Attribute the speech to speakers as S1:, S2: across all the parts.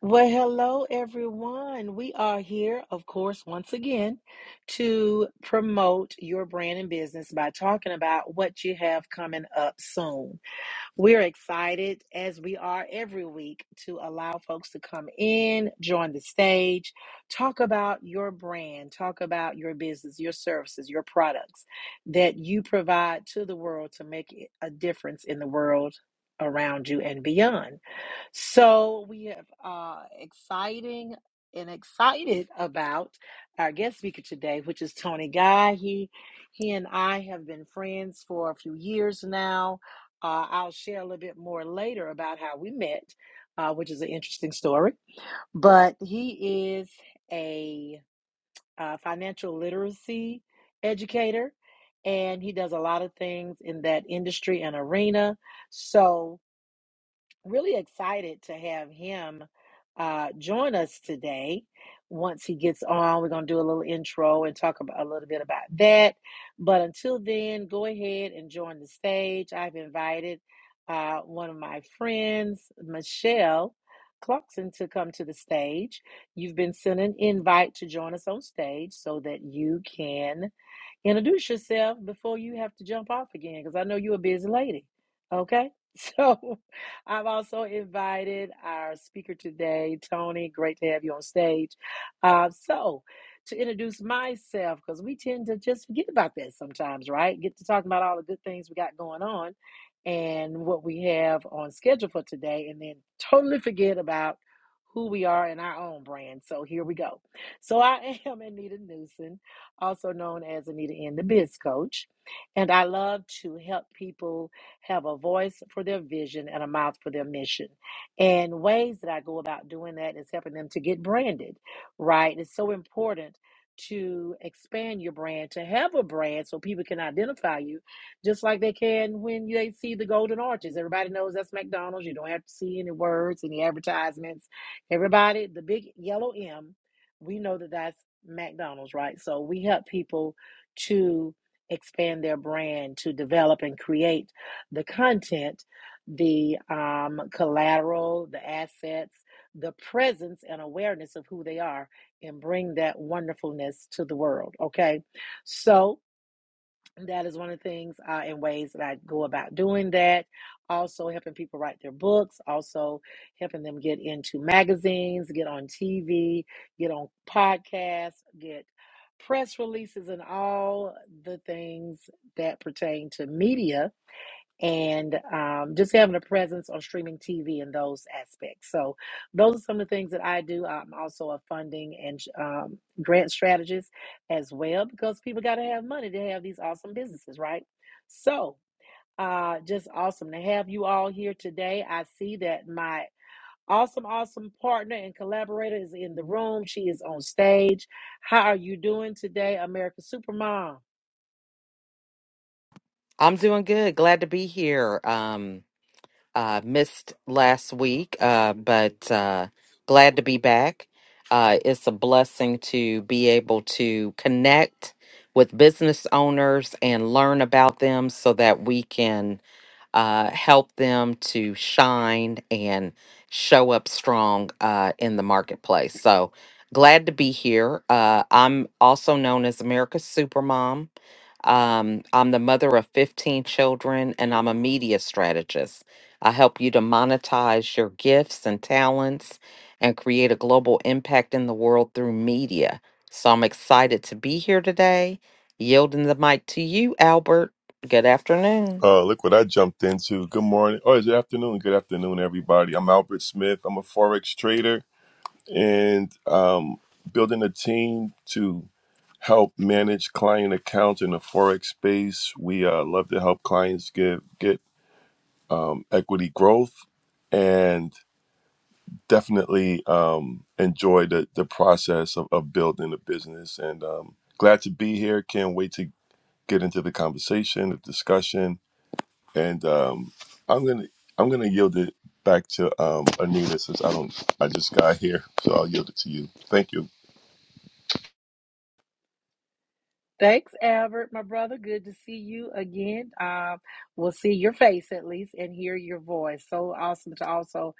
S1: Well, hello, everyone. We are here, of course, once again to promote your brand and business by talking about what you have coming up soon. We're excited, as we are every week, to allow folks to come in, join the stage, talk about your brand, talk about your business, your services, your products that you provide to the world to make a difference in the world around you and beyond. So we have uh exciting and excited about our guest speaker today, which is Tony Guy. He he and I have been friends for a few years now. Uh, I'll share a little bit more later about how we met, uh, which is an interesting story. But he is a uh, financial literacy educator, and he does a lot of things in that industry and arena. So really excited to have him uh, join us today. Once he gets on, we're going to do a little intro and talk about, a little bit about that. But until then, go ahead and join the stage. I've invited uh, one of my friends, Michelle Clarkson, to come to the stage. You've been sent an invite to join us on stage so that you can. Introduce yourself before you have to jump off again, because I know you're a busy lady. Okay? So I've also invited our speaker today, Tony. Great to have you on stage. Uh, so to introduce myself, because we tend to just forget about that sometimes, right? Get to talking about all the good things we got going on and what we have on schedule for today, and then totally forget about who we are in our own brand. So here we go. So I am Anita Newsom also known as Anita N, the Biz Coach. And I love to help people have a voice for their vision and a mouth for their mission. And ways that I go about doing that is helping them to get branded, right? It's so important to expand your brand, to have a brand so people can identify you just like they can when they see the golden arches. Everybody knows that's McDonald's. You don't have to see any words, any advertisements. Everybody, the big yellow M we know that that's McDonald's, right? So we help people to expand their brand, to develop and create the content, the um, collateral, the assets, the presence and awareness of who they are, and bring that wonderfulness to the world. Okay, so that is one of the things uh, and ways that I go about doing that. Also, helping people write their books, also helping them get into magazines, get on TV, get on podcasts, get press releases, and all the things that pertain to media and um, just having a presence on streaming TV in those aspects. So, those are some of the things that I do. I'm also a funding and um, grant strategist as well because people got to have money to have these awesome businesses, right? So, uh, just awesome to have you all here today. I see that my awesome, awesome partner and collaborator is in the room. She is on stage. How are you doing today, America Supermom?
S2: I'm doing good. Glad to be here. Um, uh, missed last week, uh, but uh, glad to be back. Uh, it's a blessing to be able to connect with business owners and learn about them so that we can uh, help them to shine and show up strong uh, in the marketplace. So glad to be here. Uh, I'm also known as America's Supermom. Um, I'm the mother of 15 children and I'm a media strategist. I help you to monetize your gifts and talents and create a global impact in the world through media. So I'm excited to be here today. Yielding the mic to you, Albert. Good afternoon.
S3: Uh, look what I jumped into. Good morning. Oh, is it afternoon. Good afternoon, everybody. I'm Albert Smith. I'm a forex trader and um, building a team to help manage client accounts in the forex space. We uh, love to help clients get get um, equity growth and definitely um, enjoy the the process of, of building a business. And um, glad to be here. Can't wait to get into the conversation, the discussion and um, I'm gonna I'm gonna yield it back to um, Anita since I don't I just got here, so I'll yield it to you. Thank you.
S1: Thanks, Albert, my brother. Good to see you again. Um, we'll see your face at least and hear your voice. So awesome to also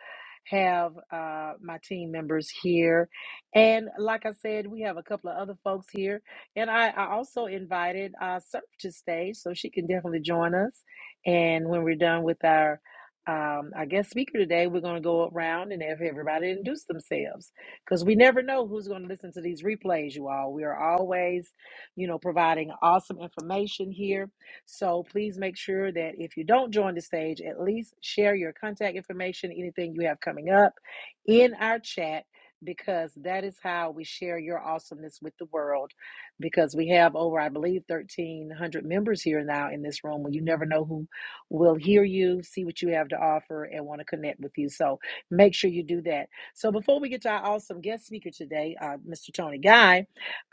S1: have uh, my team members here. And like I said, we have a couple of other folks here. And I, I also invited uh, Surf to stage, so she can definitely join us. And when we're done with our um, our guest speaker today, we're going to go around and have everybody introduce themselves because we never know who's going to listen to these replays, you all. We are always you know, providing awesome information here. So please make sure that if you don't join the stage, at least share your contact information, anything you have coming up in our chat, because that is how we share your awesomeness with the world. Because we have over, I believe, 1,300 members here now in this room, where you never know who will hear you, see what you have to offer, and want to connect with you. So make sure you do that. So before we get to our awesome guest speaker today, uh, Mr. Tony Guy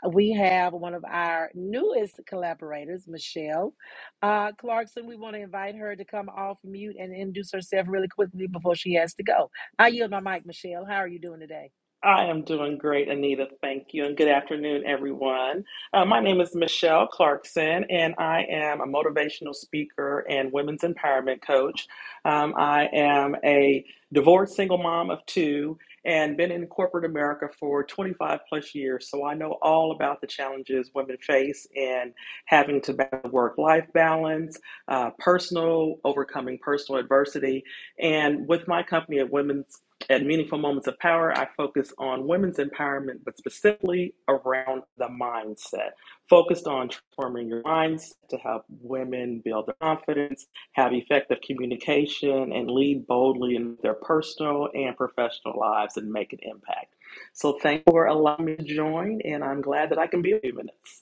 S1: we have one of our newest collaborators, Michelle uh, Clarkson. We want to invite her to come off mute and introduce herself really quickly before she has to go. I yield my mic, Michelle. How are you doing today?
S4: I am doing great, Anita. Thank you. And good afternoon, everyone. Uh, my name is Michelle Clarkson, and I am a motivational speaker and women's empowerment coach. Um, I am a divorced single mom of two and been in corporate America for 25 plus years. So I know all about the challenges women face in having to balance work life balance, uh, personal, overcoming personal adversity. And with my company of women's at Meaningful Moments of Power, I focus on women's empowerment, but specifically around the mindset, focused on transforming your mindset to help women build their confidence, have effective communication, and lead boldly in their personal and professional lives and make an impact. So, thank you for allowing me to join, and I'm glad that I can be a few minutes.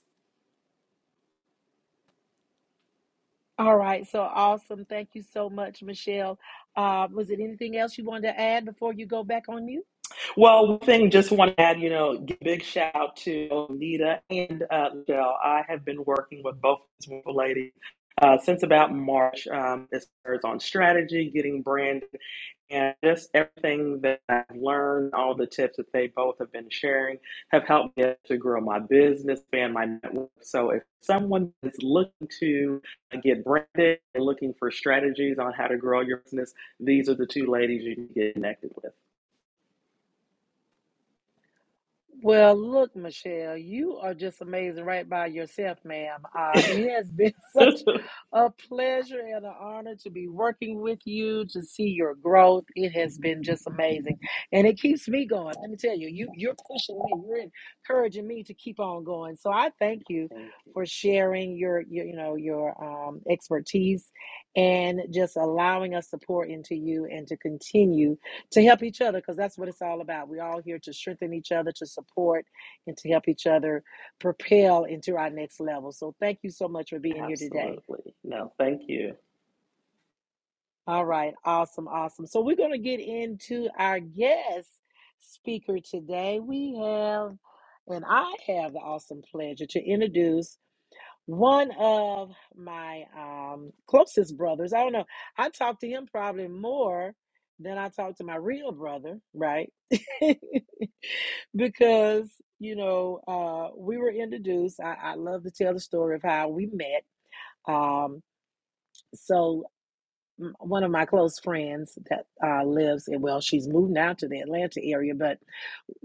S1: All right, so awesome. Thank you so much, Michelle. Uh, was it anything else you wanted to add before you go back on mute?
S4: Well, one thing just want to add, you know, give a big shout out to Nita and uh, Michelle. I have been working with both of these wonderful ladies uh, since about March, um, as far as on strategy, getting branded, and just everything that I've learned, all the tips that they both have been sharing have helped me to grow my business and my network. So if someone is looking to uh, get branded and looking for strategies on how to grow your business, these are the two ladies you can get connected with.
S1: Well, look, Michelle, you are just amazing right by yourself, ma'am. Uh, it has been such a pleasure and an honor to be working with you, to see your growth. It has been just amazing. And it keeps me going. Let me tell you, you you're pushing me, you're encouraging me to keep on going. So I thank you
S4: Thank you.
S1: for sharing your, your you know, your um, expertise and just allowing us to pour into you and to continue to help each other because that's what it's all about. We're all here to strengthen each other, to support, and to help each other propel into our next level. So, thank you so much for being here today.
S4: Absolutely. No, thank you.
S1: All right, awesome, awesome. So, we're going to get into our guest speaker today. We have, and I have the awesome pleasure to introduce One of my um, closest brothers, I don't know, I talk to him probably more than I talk to my real brother, right? because, you know, uh, we were introduced. I, I love to tell the story of how we met. Um, so, m- one of my close friends that uh, lives in, well, she's moved now to the Atlanta area, but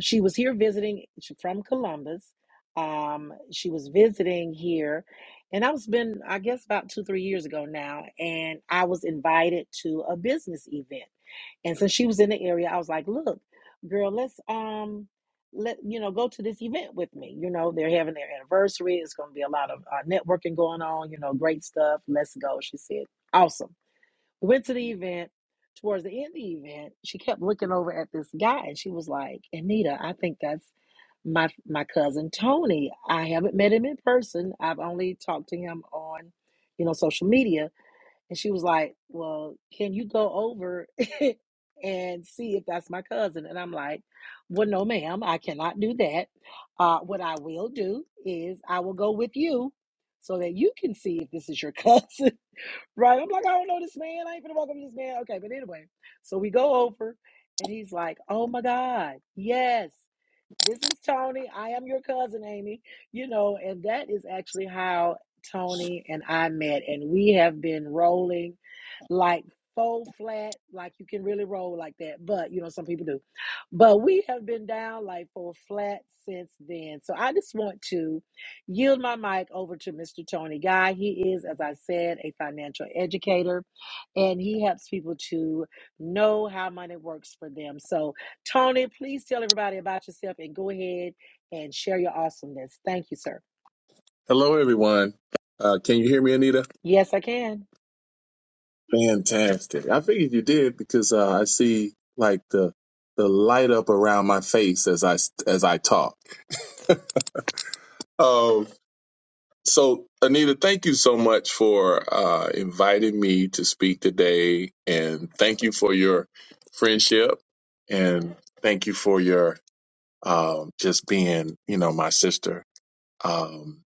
S1: she was here visiting from Columbus. Um, she was visiting here, and I was been I guess about two three years ago now, and I was invited to a business event. And since she was in the area, I was like, "Look, girl, let's um, let you know, go to this event with me. You know, they're having their anniversary. It's going to be a lot of uh, networking going on. You know, great stuff. Let's go." She said, "Awesome." Went to the event. Towards the end of the event, she kept looking over at this guy and she was like, Anita, I think that's my my cousin Tony. I haven't met him in person. I've only talked to him on, you know, social media. And she was like, Well, can you go over and see if that's my cousin? And I'm like, Well, no, ma'am, I cannot do that. Uh, what I will do is I will go with you so that you can see if this is your cousin. Right. I'm like, I don't know this man. I ain't gonna walk up to this man. Okay, but anyway, so we go over and he's like, Oh my God, yes. This is Tony. I am your cousin, Amy. You know, and that is actually how Tony and I met. And we have been rolling like full flat, like you can really roll like that. But, you know, some people do. But we have been down like full flat since then. So I just want to yield my mic over to Mr. Tony Guy. He is, as I said, a financial educator and he helps people to know how money works for them. So, Tony, please tell everybody about yourself and go ahead and share your awesomeness. Thank you, sir.
S5: Hello, everyone. Uh, can you hear me, Anita?
S1: Yes, I can.
S5: Fantastic. I figured you did because uh, I see like the the light up around my face as I as I talk. Um, so, Anita, thank you so much for uh, inviting me to speak today, and thank you for your friendship, and thank you for your um, just being, you know, my sister. Um,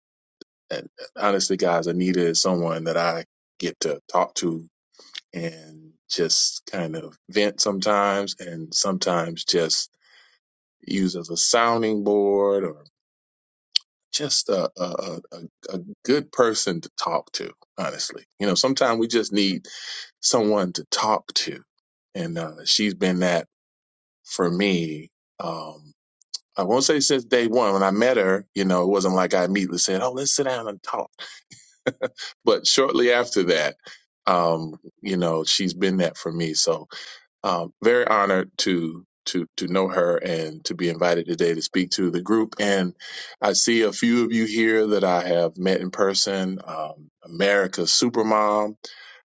S5: and honestly, guys, Anita is someone that I get to talk to and just kind of vent sometimes and sometimes just use as a sounding board or just a, a, a, a good person to talk to honestly you know sometimes we just need someone to talk to and uh, she's been that for me um, i won't say since day one when i met her you know it wasn't like i immediately said oh let's sit down and talk but shortly after that um, you know she's been that for me so Um, very honored to to to know her and to be invited today to speak to the group. And I see a few of you here that I have met in person. Um, America's Supermom.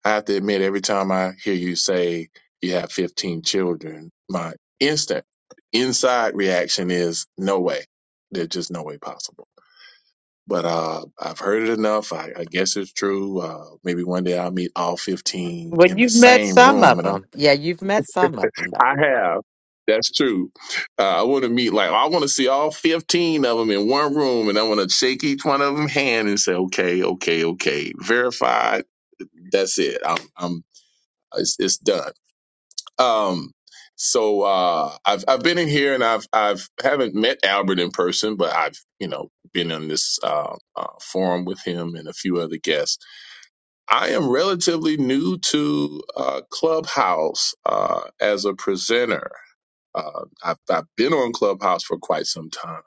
S5: I have to admit, every time I hear you say you have 15 children, my instant inside reaction is no way. There's just no way possible. But uh, I've heard it enough. I, I guess it's true. Uh, maybe one day I'll meet all 15
S2: Well,
S5: in the
S2: you've met
S5: same
S2: some
S5: room,
S2: of
S5: and I'm
S2: them. Yeah, you've met some of them.
S5: I have. That's true. Uh, I want to meet like I want to see all fifteen of them in one room, and I want to shake each one of them hand and say, "Okay, okay, okay, verified." That's it. I'm, I'm, it's, it's done. Um, so uh, I've I've been in here, and I've I've haven't met Albert in person, but I've you know been on this uh, uh, forum with him and a few other guests. I am relatively new to uh, Clubhouse uh, as a presenter. Uh, I've, I've been on Clubhouse for quite some time.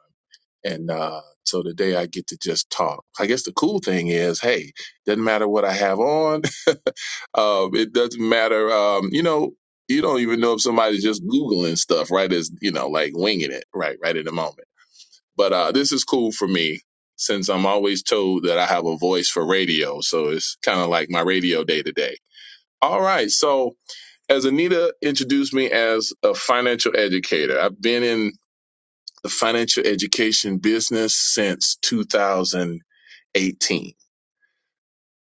S5: And uh, so today I get to just talk. I guess the cool thing is, hey, doesn't matter what I have on. Um, it doesn't matter. Um, you know, you don't even know if somebody's just Googling stuff, right? Is you know, like winging it, right, right in the moment. But uh, this is cool for me since I'm always told that I have a voice for radio. So it's kind of like my radio day to day. All right. So as Anita introduced me as a financial educator, I've been in the financial education business since 2018.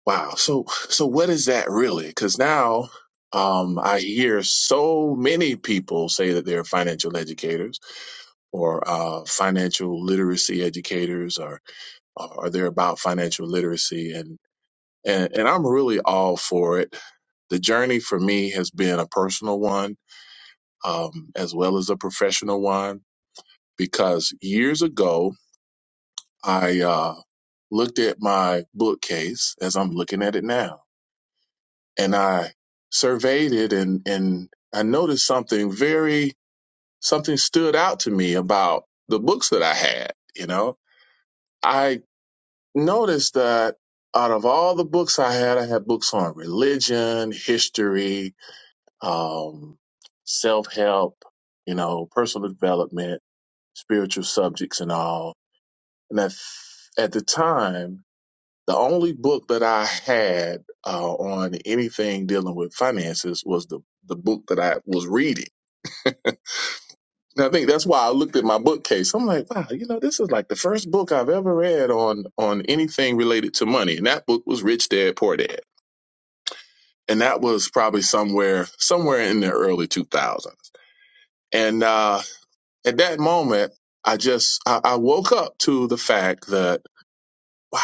S5: Wow. So, so what is that really? Because now, um, I hear so many people say that they're financial educators or uh, financial literacy educators, or or they're about financial literacy, and and and I'm really all for it. The journey for me has been a personal one, um, as well as a professional one, because years ago I uh, looked at my bookcase as I'm looking at it now, and I surveyed it, and and I noticed something very something stood out to me about the books that I had. You know, I noticed that out of all the books I had, I had books on religion, history, um, self help, you know, personal development, spiritual subjects, and all. And at at the time, The only book that I had uh, on anything dealing with finances was the the book that I was reading. And I think that's why I looked at my bookcase. I'm like, wow, you know, this is like the first book I've ever read on on anything related to money. And that book was Rich Dad Poor Dad, and that was probably somewhere somewhere in the early 2000s. And uh, at that moment, I just I, I woke up to the fact that wow,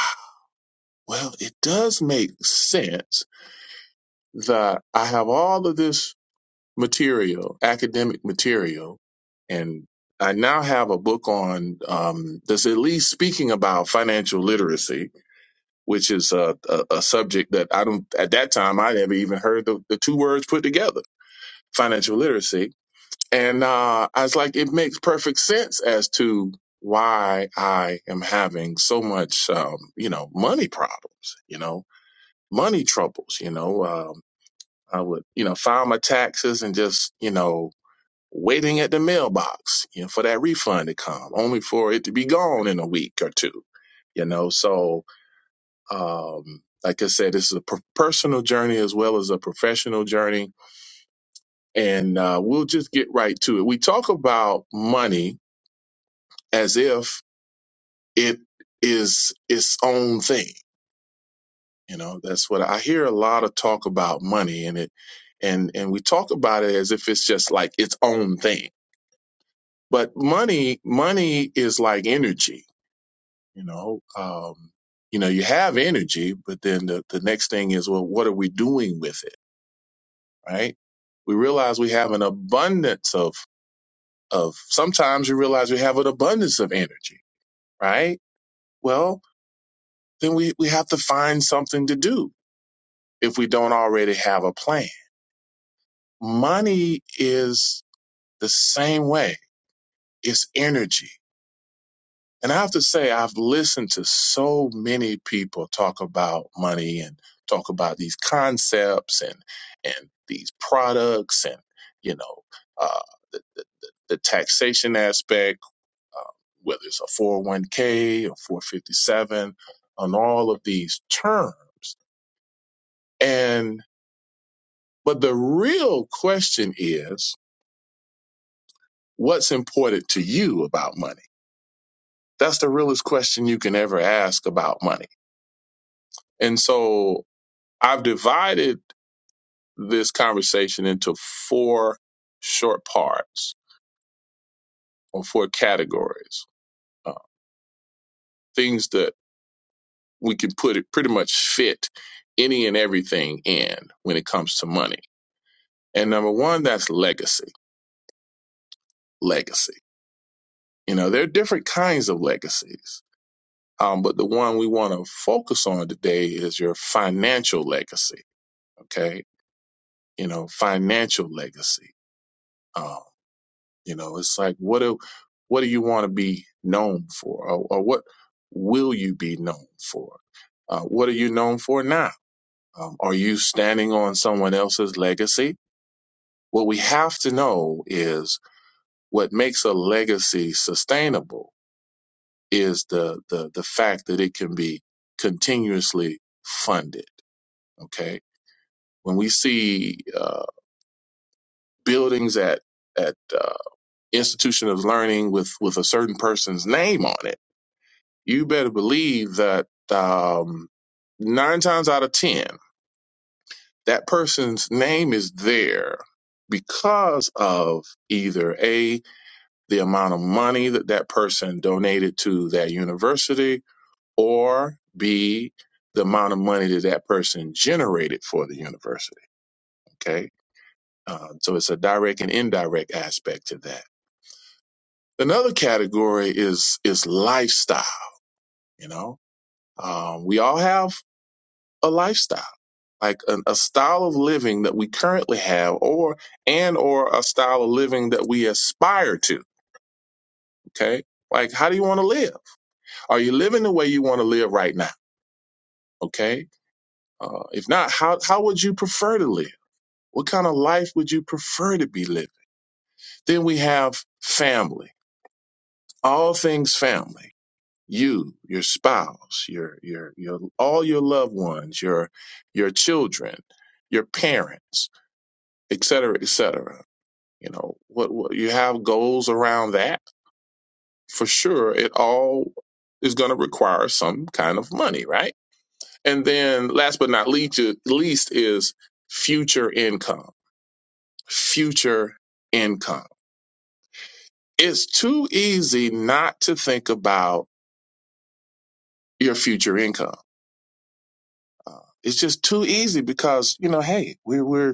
S5: well, it does make sense that I have all of this material, academic material. And I now have a book on um, that's at least speaking about financial literacy, which is a, a, a subject that I don't, at that time, I never even heard the, the two words put together financial literacy. And uh, I was like, it makes perfect sense as to why I am having so much, um, you know, money problems, you know, money troubles, you know. Um, I would, you know, file my taxes and just, you know, waiting at the mailbox you know, for that refund to come, only for it to be gone in a week or two. You know, so um, like I said, this is a per- personal journey as well as a professional journey, and uh, we'll just get right to it. We talk about money as if it is its own thing. You know, that's what I hear a lot of talk about money, and it and and we talk about it as if it's just like its own thing. But money, money is like energy you know um you know you have energy but then the, the next thing is well what are we doing with it right we realize we have an abundance of of sometimes you realize we have an abundance of energy right well then we we have to find something to do if we don't already have a plan money is the same way it's energy And I have to say, I've listened to so many people talk about money and talk about these concepts and and these products and you know uh, the taxation aspect, whether it's a four hundred one k or four fifty seven, on all of these terms. And but the real question is, what's important to you about money? That's the realest question you can ever ask about money. And so I've divided this conversation into four short parts or four categories uh, things that we can put it pretty much fit any and everything in when it comes to money and number one that's legacy legacy you know there are different kinds of legacies um, but the one we want to focus on today is your financial legacy okay you know financial legacy Um, You know, it's like what do what do you want to be known for, or, or what will you be known for? Uh, what are you known for now? Um, are you standing on someone else's legacy? What we have to know is what makes a legacy sustainable is the the the fact that it can be continuously funded. Okay, when we see uh, buildings at at uh, institution of learning with with a certain person's name on it you better believe that um, nine times out of 10, that person's name is there because of either A, the amount of money that that person donated to that university, or B, the amount of money that that person generated for the university. Okay. Uh, so it's a direct and indirect aspect to that. Another category is is lifestyle. You know, um, we all have a lifestyle like an, a style of living that we currently have or and or a style of living that we aspire to okay like how do you want to live are you living the way you want to live right now okay uh, if not how, how would you prefer to live what kind of life would you prefer to be living then we have family all things family you your spouse your your your all your loved ones your your children your parents etc cetera, etc You know, what, what you have goals around that for sure. It all is going to require some kind of money, right? And then last but not least, least is future income. Future income. It's too easy not to think about your future income. Uh, it's just too easy because, you know, hey, we're. we're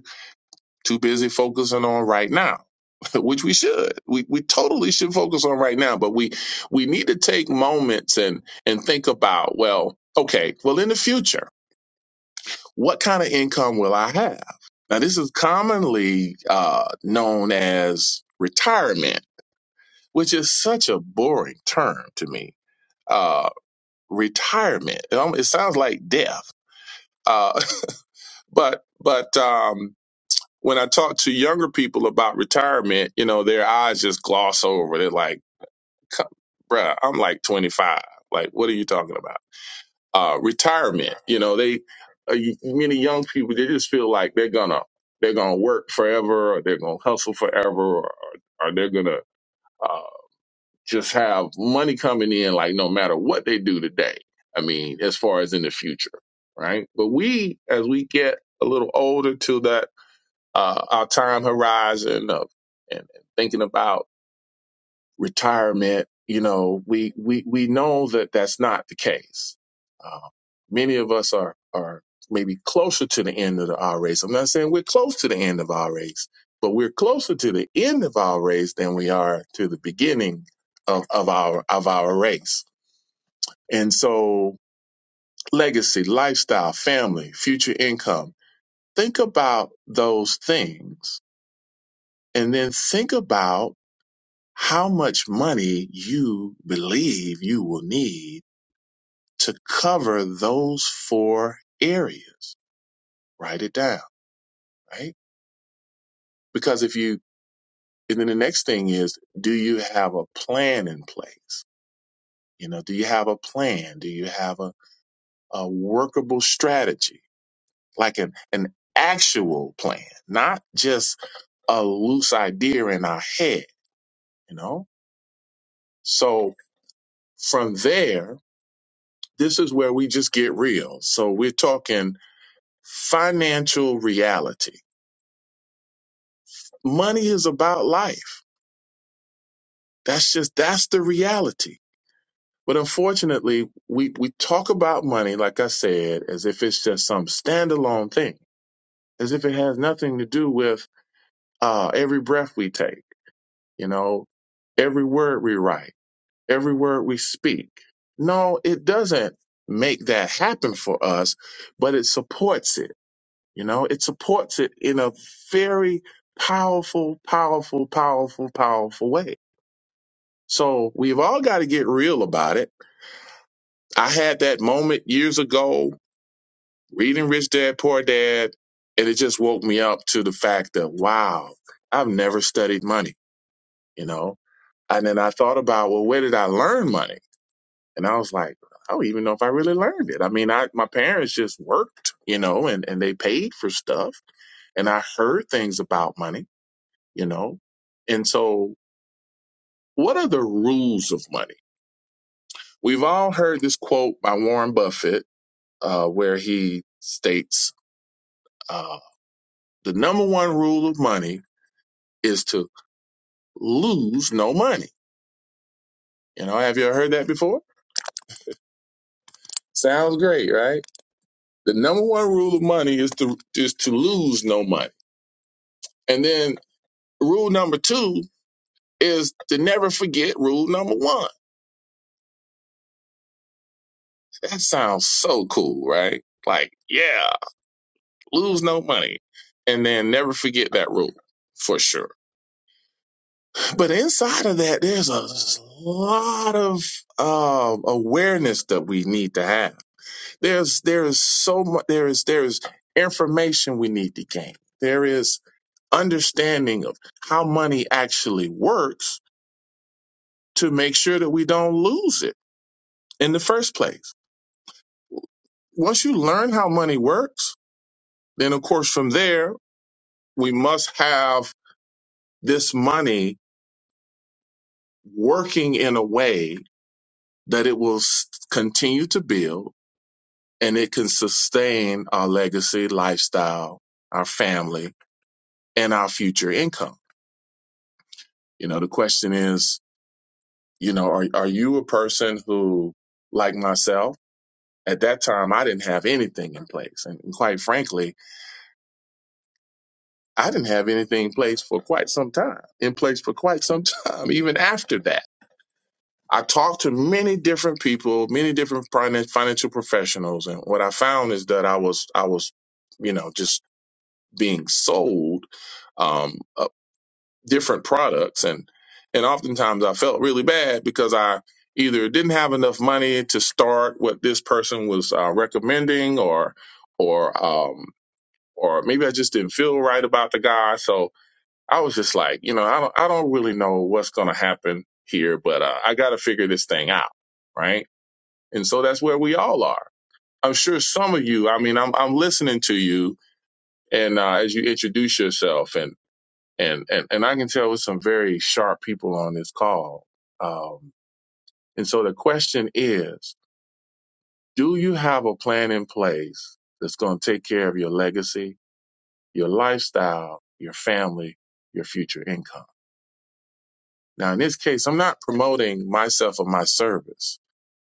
S5: too busy focusing on right now which we should we, we totally should focus on right now but we we need to take moments and and think about well okay well in the future what kind of income will i have now this is commonly uh, known as retirement which is such a boring term to me uh, retirement it, almo- it sounds like death uh, but but um, when I talk to younger people about retirement, you know, their eyes just gloss over. They're like, "Come- bruh, I'm like 25. Like, what are you talking about? Uh, retirement, you know, they, uh, y- many young people, they just feel like they're gonna, they're gonna work forever or they're gonna hustle forever or, or they're gonna, uh, just have money coming in like no matter what they do today. I mean, as far as in the future, right? But we, as we get a little older to that uh, our time horizon of and thinking about retirement, you know, we we we know that that's not the case. Uh, many of us are are maybe closer to the end of the R race. I'm not saying we're close to the end of our race, but we're closer to the end of our race than we are to the beginning of, of our of our race. And so legacy, lifestyle, family, future income. Think about those things and then think about how much money you believe you will need to cover those four areas. Write it down, right? Because if you, and then the next thing is, do you have a plan in place? You know, do you have a plan? Do you have a, a workable strategy, like an, an actual plan, not just a loose idea in our head, you know? So from there, this is where we just get real. So we're talking financial reality. Money is about life. That's just that's the reality. But unfortunately, we we talk about money like I said as if it's just some standalone thing, as if it has nothing to do with uh, every breath we take. You know, every word we write, every word we speak. No, it doesn't make that happen for us, but it supports it You know, it supports it in a very powerful, powerful, powerful, powerful way. So we've all got to get real about it. I had that moment years ago reading Rich Dad Poor Dad, and it just woke me up to the fact that, wow, I've never studied money, you know? And then I thought about, well, where did I learn money? And I was like, I don't even know if I really learned it. I mean, I, my parents just worked, you know, and, and they paid for stuff. And I heard things about money you know? And so, what are the rules of money? We've all heard this quote by Warren Buffett, uh, where he states uh, the number one rule of money is to lose no money. You know, have you ever heard that before? Sounds great, right? The number one rule of money is to is to lose no money. And then rule number two is to never forget rule number one. That sounds so cool, right? Like, yeah, lose no money, and then never forget that rule for sure. But inside of that, there's a lot of um, awareness that we need to have. There's there is so much. There is there is information we need to gain. There is understanding of how money actually works to make sure that we don't lose it in the first place. Once you learn how money works, then of course from there we must have this money working in a way that it will s- continue to build and it can sustain our legacy, lifestyle, our family, and our future income. You know, the question is, you know, are, are you a person who, like myself, at that time, I didn't have anything in place. And quite frankly, I didn't have anything in place for quite some time, in place for quite some time, even after that I talked to many different people, many different finance financial professionals, and what I found is that I was I was, you know, just being sold um, uh, different products, and and oftentimes I felt really bad because I either didn't have enough money to start what this person was uh, recommending, or or um, or maybe I just didn't feel right about the guy, so I was just like, you know, I don't I don't really know what's going to happen here, but uh, I got to figure this thing out, right? And so that's where we all are. I'm sure some of you, I mean, I'm, I'm listening to you and uh, as you introduce yourself and, and, and, and I can tell with some very sharp people on this call. Um, and so the question is, do you have a plan in place that's going to take care of your legacy, your lifestyle, your family, your future income? Now, in this case, I'm not promoting myself or my service.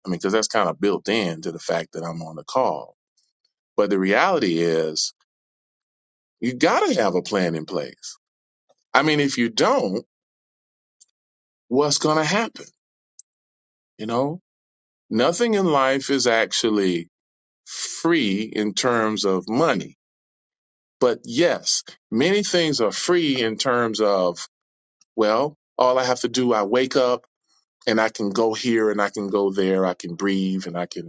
S5: I mean, because that's kind of built in to the fact that I'm on the call. But the reality is You got to have a plan in place. I mean, if you don't, what's going to happen? You know, nothing in life is actually free in terms of money. But yes, many things are free in terms of, well, all I have to do, I wake up and I can go here and I can go there. I can breathe and I can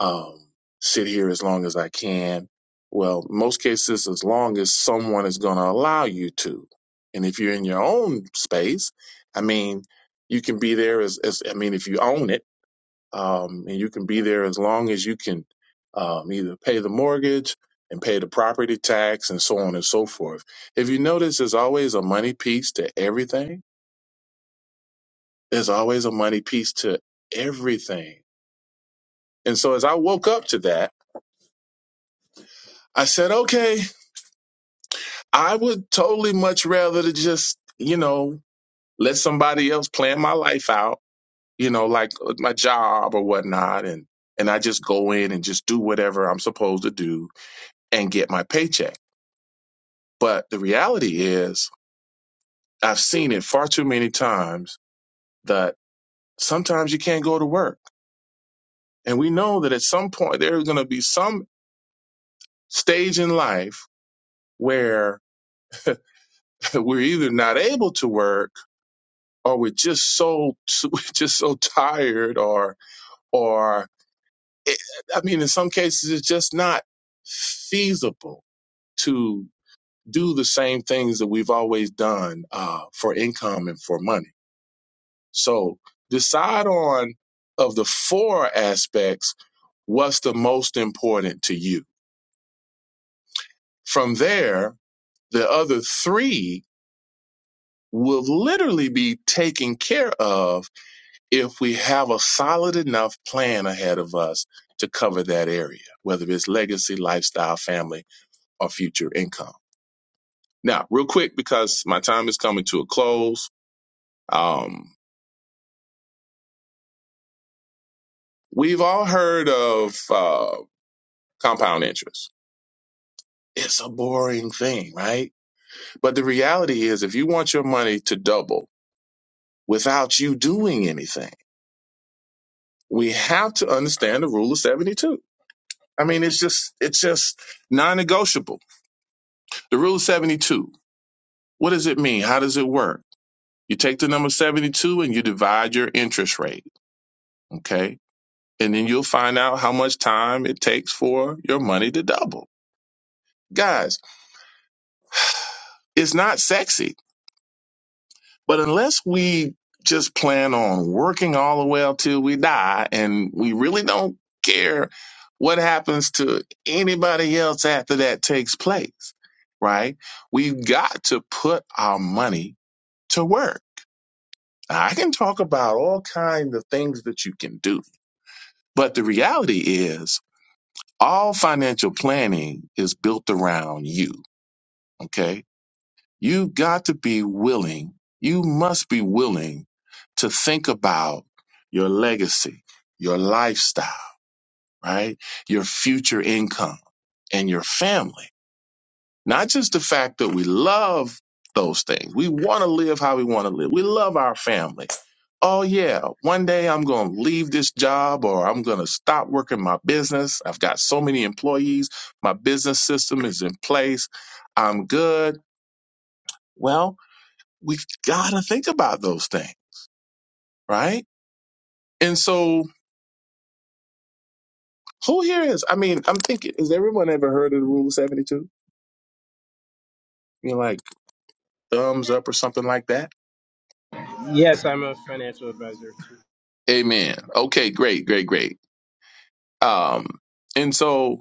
S5: um, sit here as long as I can. Well, most cases, as long as someone is going to allow you to. And if you're in your own space, I mean, you can be there as, as I mean, if you own it, um, and you can be there as long as you can um, either pay the mortgage and pay the property tax and so on and so forth. If you notice, there's always a money piece to everything. There's always a money piece to everything. And so as I woke up to that, I said, okay, I would totally much rather to just, you know, let somebody else plan my life out, you know, like uh, my job or whatnot. And, and I just go in and just do whatever I'm supposed to do and get my paycheck. But the reality is, I've seen it far too many times that sometimes you can't go to work. And we know that at some point there's going to be some stage in life where we're either not able to work or we're just so, we're just so tired or or it, I mean, in some cases, it's just not feasible to do the same things that we've always done uh, for income and for money. So decide on of the four aspects, what's the most important to you. From there, the other three will literally be taken care of if we have a solid enough plan ahead of us to cover that area, whether it's legacy, lifestyle, family or future income. Now, real quick, because my time is coming to a close, um, we've all heard of uh, compound interest. It's a boring thing, right? But the reality is, if you want your money to double without you doing anything, we have to understand the rule of 72. I mean, it's just, it's just non negotiable. The rule of 72, what does it mean? How does it work? You take the number 72 and you divide your interest rate. Okay and then you'll find out how much time it takes for your money to double. Guys, it's not sexy, but unless we just plan on working all the way up till we die and we really don't care what happens to anybody else after that takes place, right? We've got to put our money to work. Now, I can talk about all kinds of things that you can do, but the reality is all financial planning is built around you Okay. You got to be willing. You must be willing to think about your legacy, your lifestyle, right? Your future income and your family. Not just the fact that we love those things. We want to live how we want to live. We love our family. Oh, yeah, one day I'm going to leave this job or I'm going to stop working my business. I've got so many employees. My business system is in place. I'm good. Well, we have gotta think about those things, right? And so, who here is? I mean, I'm thinking, has everyone ever heard of the Rule 72? You know, like thumbs up or something like that?
S6: Yes, I'm a financial advisor.
S5: Amen. Okay, great, great, great. Um, and so,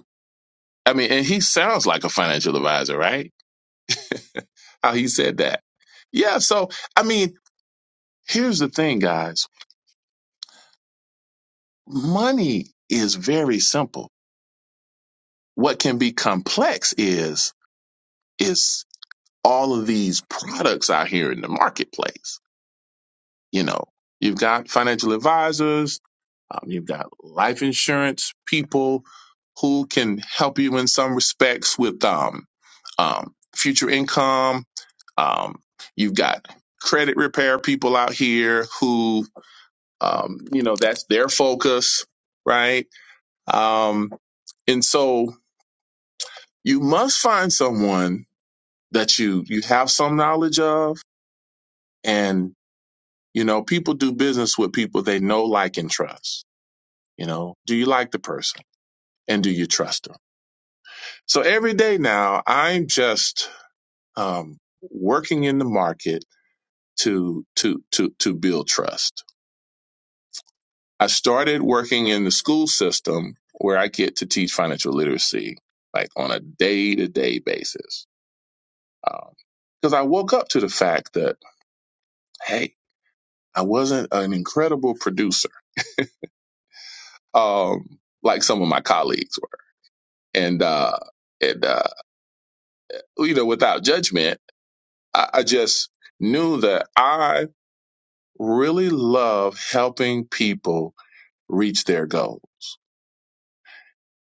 S5: I mean, and he sounds like a financial advisor, right? How he said that. Yeah, so, I mean, here's the thing, guys money is very simple. What can be complex is, is all of these products out here in the marketplace You know, you've got financial advisors, um, you've got life insurance people who can help you in some respects with um, um, future income. Um, you've got credit repair people out here who, um, you know, that's their focus, right? Um, and so you must find someone that you you have some knowledge of, and you know, people do business with people they know, like, and trust You know, do you like the person and do you trust them? So every day now, I'm just um, working in the market to to to to build trust. I started working in the school system where I get to teach financial literacy like on a day to day basis. Um, Because I woke up to the fact that hey, I wasn't an incredible producer um, like some of my colleagues were, and uh, and uh, you know, without judgment I, I just knew that I really love helping people reach their goal.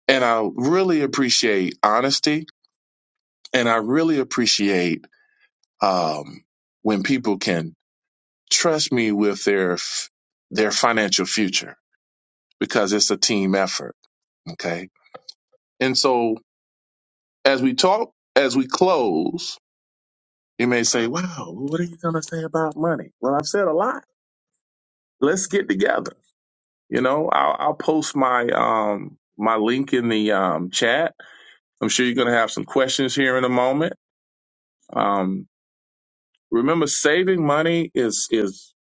S5: And I really appreciate honesty. And I really appreciate um, when people can trust me with their f- their financial future because it's a team effort. Okay. And so as we talk, as we close, you may say, wow, what are you going to say about money? Well, I've said a lot. Let's get together You know, I'll, I'll post my um, my link in the um, chat. I'm sure you're going to have some questions here in a moment. Um, remember, saving money is is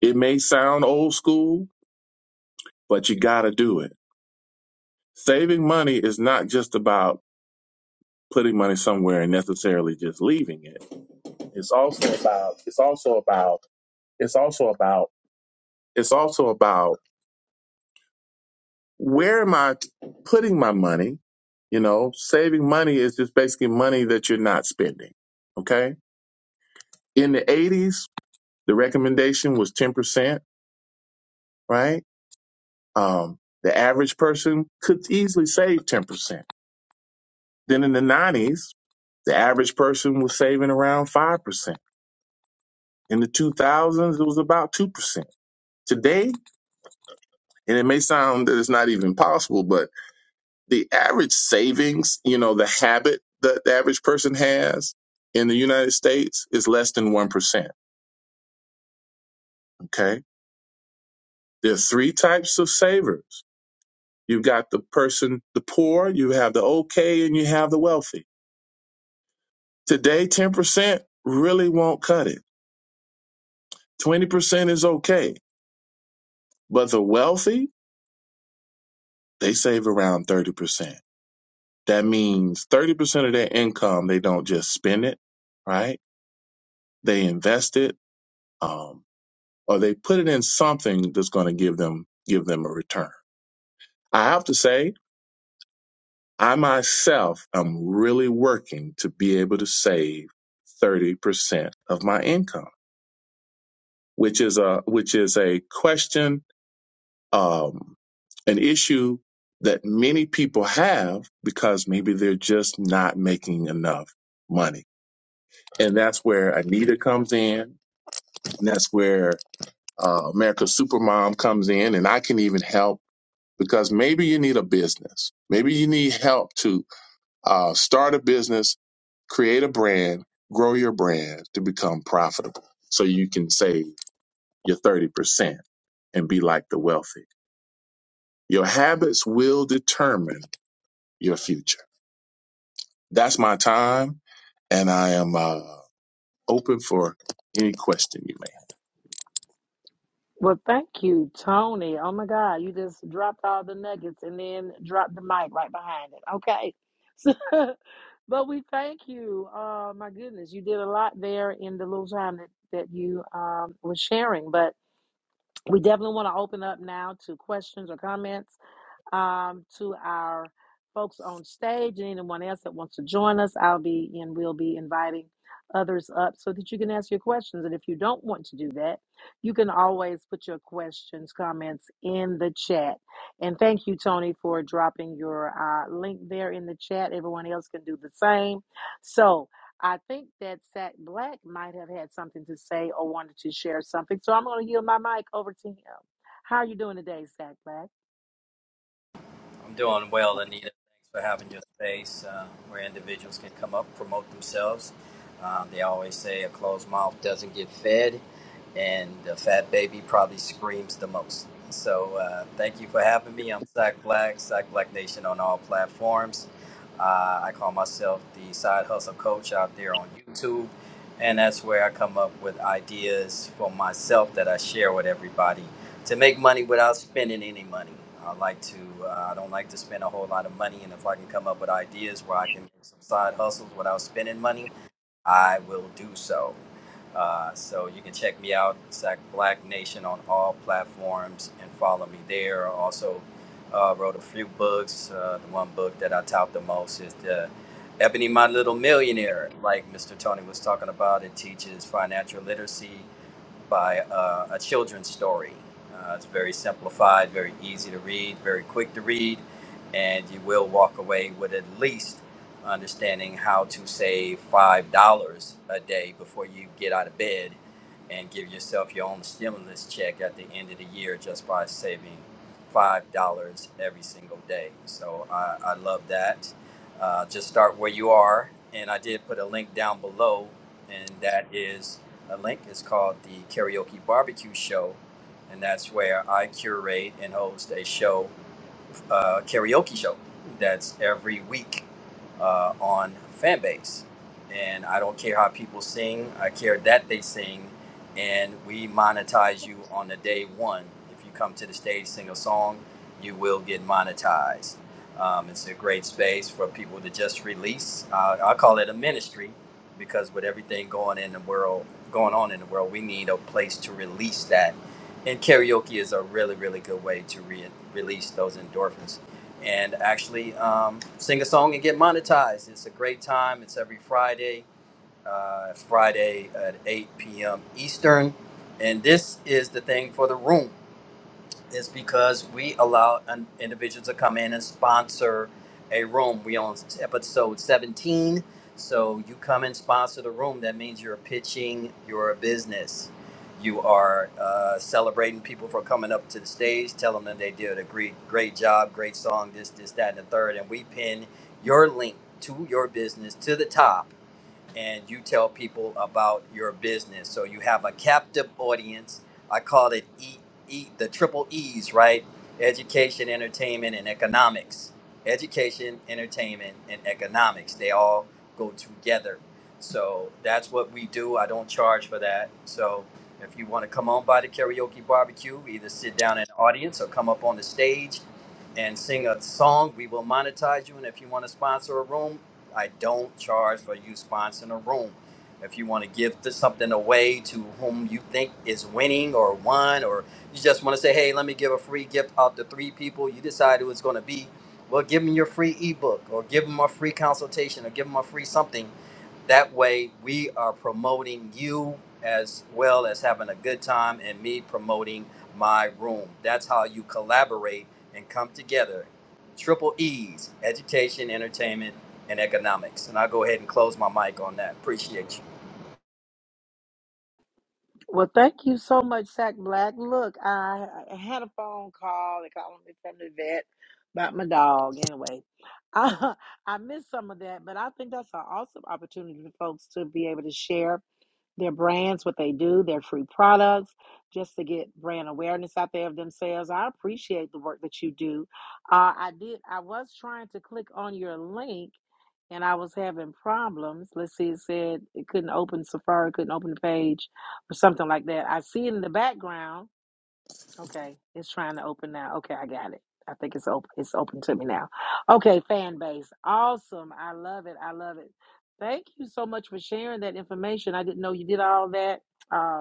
S5: it may sound old school, but you got to do it. Saving money is not just about putting money somewhere and necessarily just leaving it. It's also about it's also about it's also about it's also about where am I putting my money? You know, saving money is just basically money that you're not spending. Okay. In the 80s, the recommendation was 10%, right? Um, the average person could easily save 10%. Then in the 90s, the average person was saving around 5%. In the 2000s, it was about 2%. Today, and it may sound that it's not even possible, but the average savings, you know, the habit that the average person has in the United States is less than 1%. Okay. There are three types of savers. You've got the person, the poor, you have the okay, and you have the wealthy. Today, 10% really won't cut it. 20% is okay. But the wealthy, they save around 30%. That means 30% of their income, they don't just spend it, right? They invest it. Um, or they put it in something that's going to give them give them a return. I have to say, I myself am really working to be able to save 30% of my income, which is a which is a question um an issue that many people have because maybe they're just not making enough money. And that's where Anita comes in, and that's where uh, America's Supermom comes in, and I can even help because maybe you need a business. Maybe you need help to uh, start a business, create a brand, grow your brand to become profitable so you can save your 30% and be like the wealthy. Your habits will determine your future. That's my time, and I am uh, open for any question you may have.
S1: Well, thank you, Tony. Oh my God, you just dropped all the nuggets and then dropped the mic right behind it. Okay. So, but we thank you. Uh, my goodness, you did a lot there in the little time that, that you um, was sharing. But we definitely want to open up now to questions or comments. um, to our folks on stage and anyone else that wants to join us. I'll be and we'll be inviting others up so that you can ask your questions. And if you don't want to do that, you can always put your questions, comments in the chat. And thank you, Tony, for dropping your uh, link there in the chat. Everyone else can do the same. So I think that Sack Black might have had something to say or wanted to share something. So I'm going to yield my mic over to him. How are you doing today, Sack Black?
S7: I'm doing well, Anita. Thanks for having your space uh, where individuals can come up, promote themselves. Um, they always say a closed mouth doesn't get fed, and the fat baby probably screams the most. So uh, thank you for having me. I'm Sack Black, Sack Black Nation on all platforms. Uh, I call myself the side hustle coach out there on YouTube, and that's where I come up with ideas for myself that I share with everybody to make money without spending any money. I like to. Uh, I don't like to spend a whole lot of money, and if I can come up with ideas where I can make some side hustles without spending money, I will do so. Uh, so you can check me out, Sack Black Nation, on all platforms and follow me there. I also uh, wrote a few books. Uh, the one book that I tout the most is the Ebony My Little Millionaire. Like Mr. Tony was talking about, it teaches financial literacy by uh, a children's story. Uh, it's very simplified, very easy to read, very quick to read, and you will walk away with at least understanding how to save $5 a day before you get out of bed and give yourself your own stimulus check at the end of the year just by saving $5 every single day. So I, I love that. Uh, just start where you are. And I did put a link down below, and that is a link. It's called the Karaoke Barbecue Show, and that's where I curate and host a show uh, karaoke show that's every week uh, on Fanbase. And I don't care how people sing, I care that they sing. And we monetize you on the day one. If you come to the stage, sing a song, you will get monetized. Um, it's a great space for people to just release. Uh, I call it a ministry because with everything going in the world, going on in the world, we need a place to release that and karaoke is a really really good way to re- release those endorphins and actually um, sing a song and get monetized it's a great time it's every friday uh, friday at 8 p.m eastern and this is the thing for the room is because we allow an, individuals to come in and sponsor a room. We on episode 17. So you come and sponsor the room. That means you're pitching your business. You are uh, celebrating people for coming up to the stage, telling them they did a great, great job, great song, this, this, that, and the third. And we pin your link to your business to the top and you tell people about your business. So you have a captive audience. I call it e, e, the triple E's, right? Education, entertainment, and economics. Education, entertainment, and economics. They all go together. So that's what we do. I don't charge for that. So if you want to come on by the karaoke barbecue, either sit down in the audience or come up on the stage and sing a song, we will monetize you. And if you want to sponsor a room, I don't charge for you sponsoring a room. If you want to give this, something away to whom you think is winning or won, or you just want to say, hey, let me give a free gift out to three people you decide who it's going to be, well, give them your free ebook or give them a free consultation or give them a free something that way, we are promoting you as well as having a good time and me promoting my room. That's how you collaborate and come together. Triple E's education, entertainment, and economics. And I'll go ahead and close my mic on that. Appreciate you.
S1: Well, thank you so much, Sack Black. Look, I, I had a phone call. They called me from the vet about my dog. Anyway, I, I missed some of that, but I think that's an awesome opportunity for folks to be able to share their brands, what they do, their free products, just to get brand awareness out there of themselves. I appreciate the work that you do. Uh, I did. I was trying to click on your link and I was having problems. Let's see, it said it couldn't open Safari, couldn't open the page, or something like that. I see it in the background. Okay, it's trying to open now. Okay, I got it. I think it's open. It's open to me now. Okay, fan base, awesome. I love it. I love it. Thank you so much for sharing that information. I didn't know you did all that. Uh,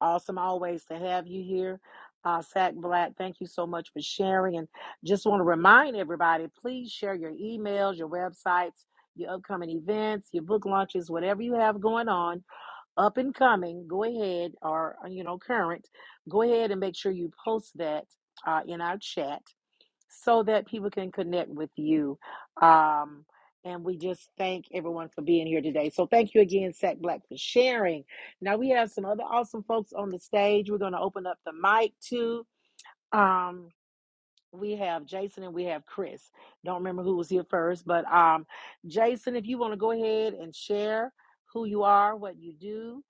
S1: Awesome always to have you here. Uh, Sack Black, thank you so much for sharing. And just want to remind everybody please share your emails, your websites, your upcoming events, your book launches, whatever you have going on, up and coming, go ahead, or, uh, you know, current, go ahead and make sure you post that uh, in our chat so that people can connect with you. Um, and we just thank everyone for being here today. So thank you again, Sack Black, for sharing. Now we have some other awesome folks on the stage. We're going to open up the mic to. Um, we have Jason and we have Chris. Don't remember who was here first, but um, Jason, if you want to go ahead and share who you are, what you do,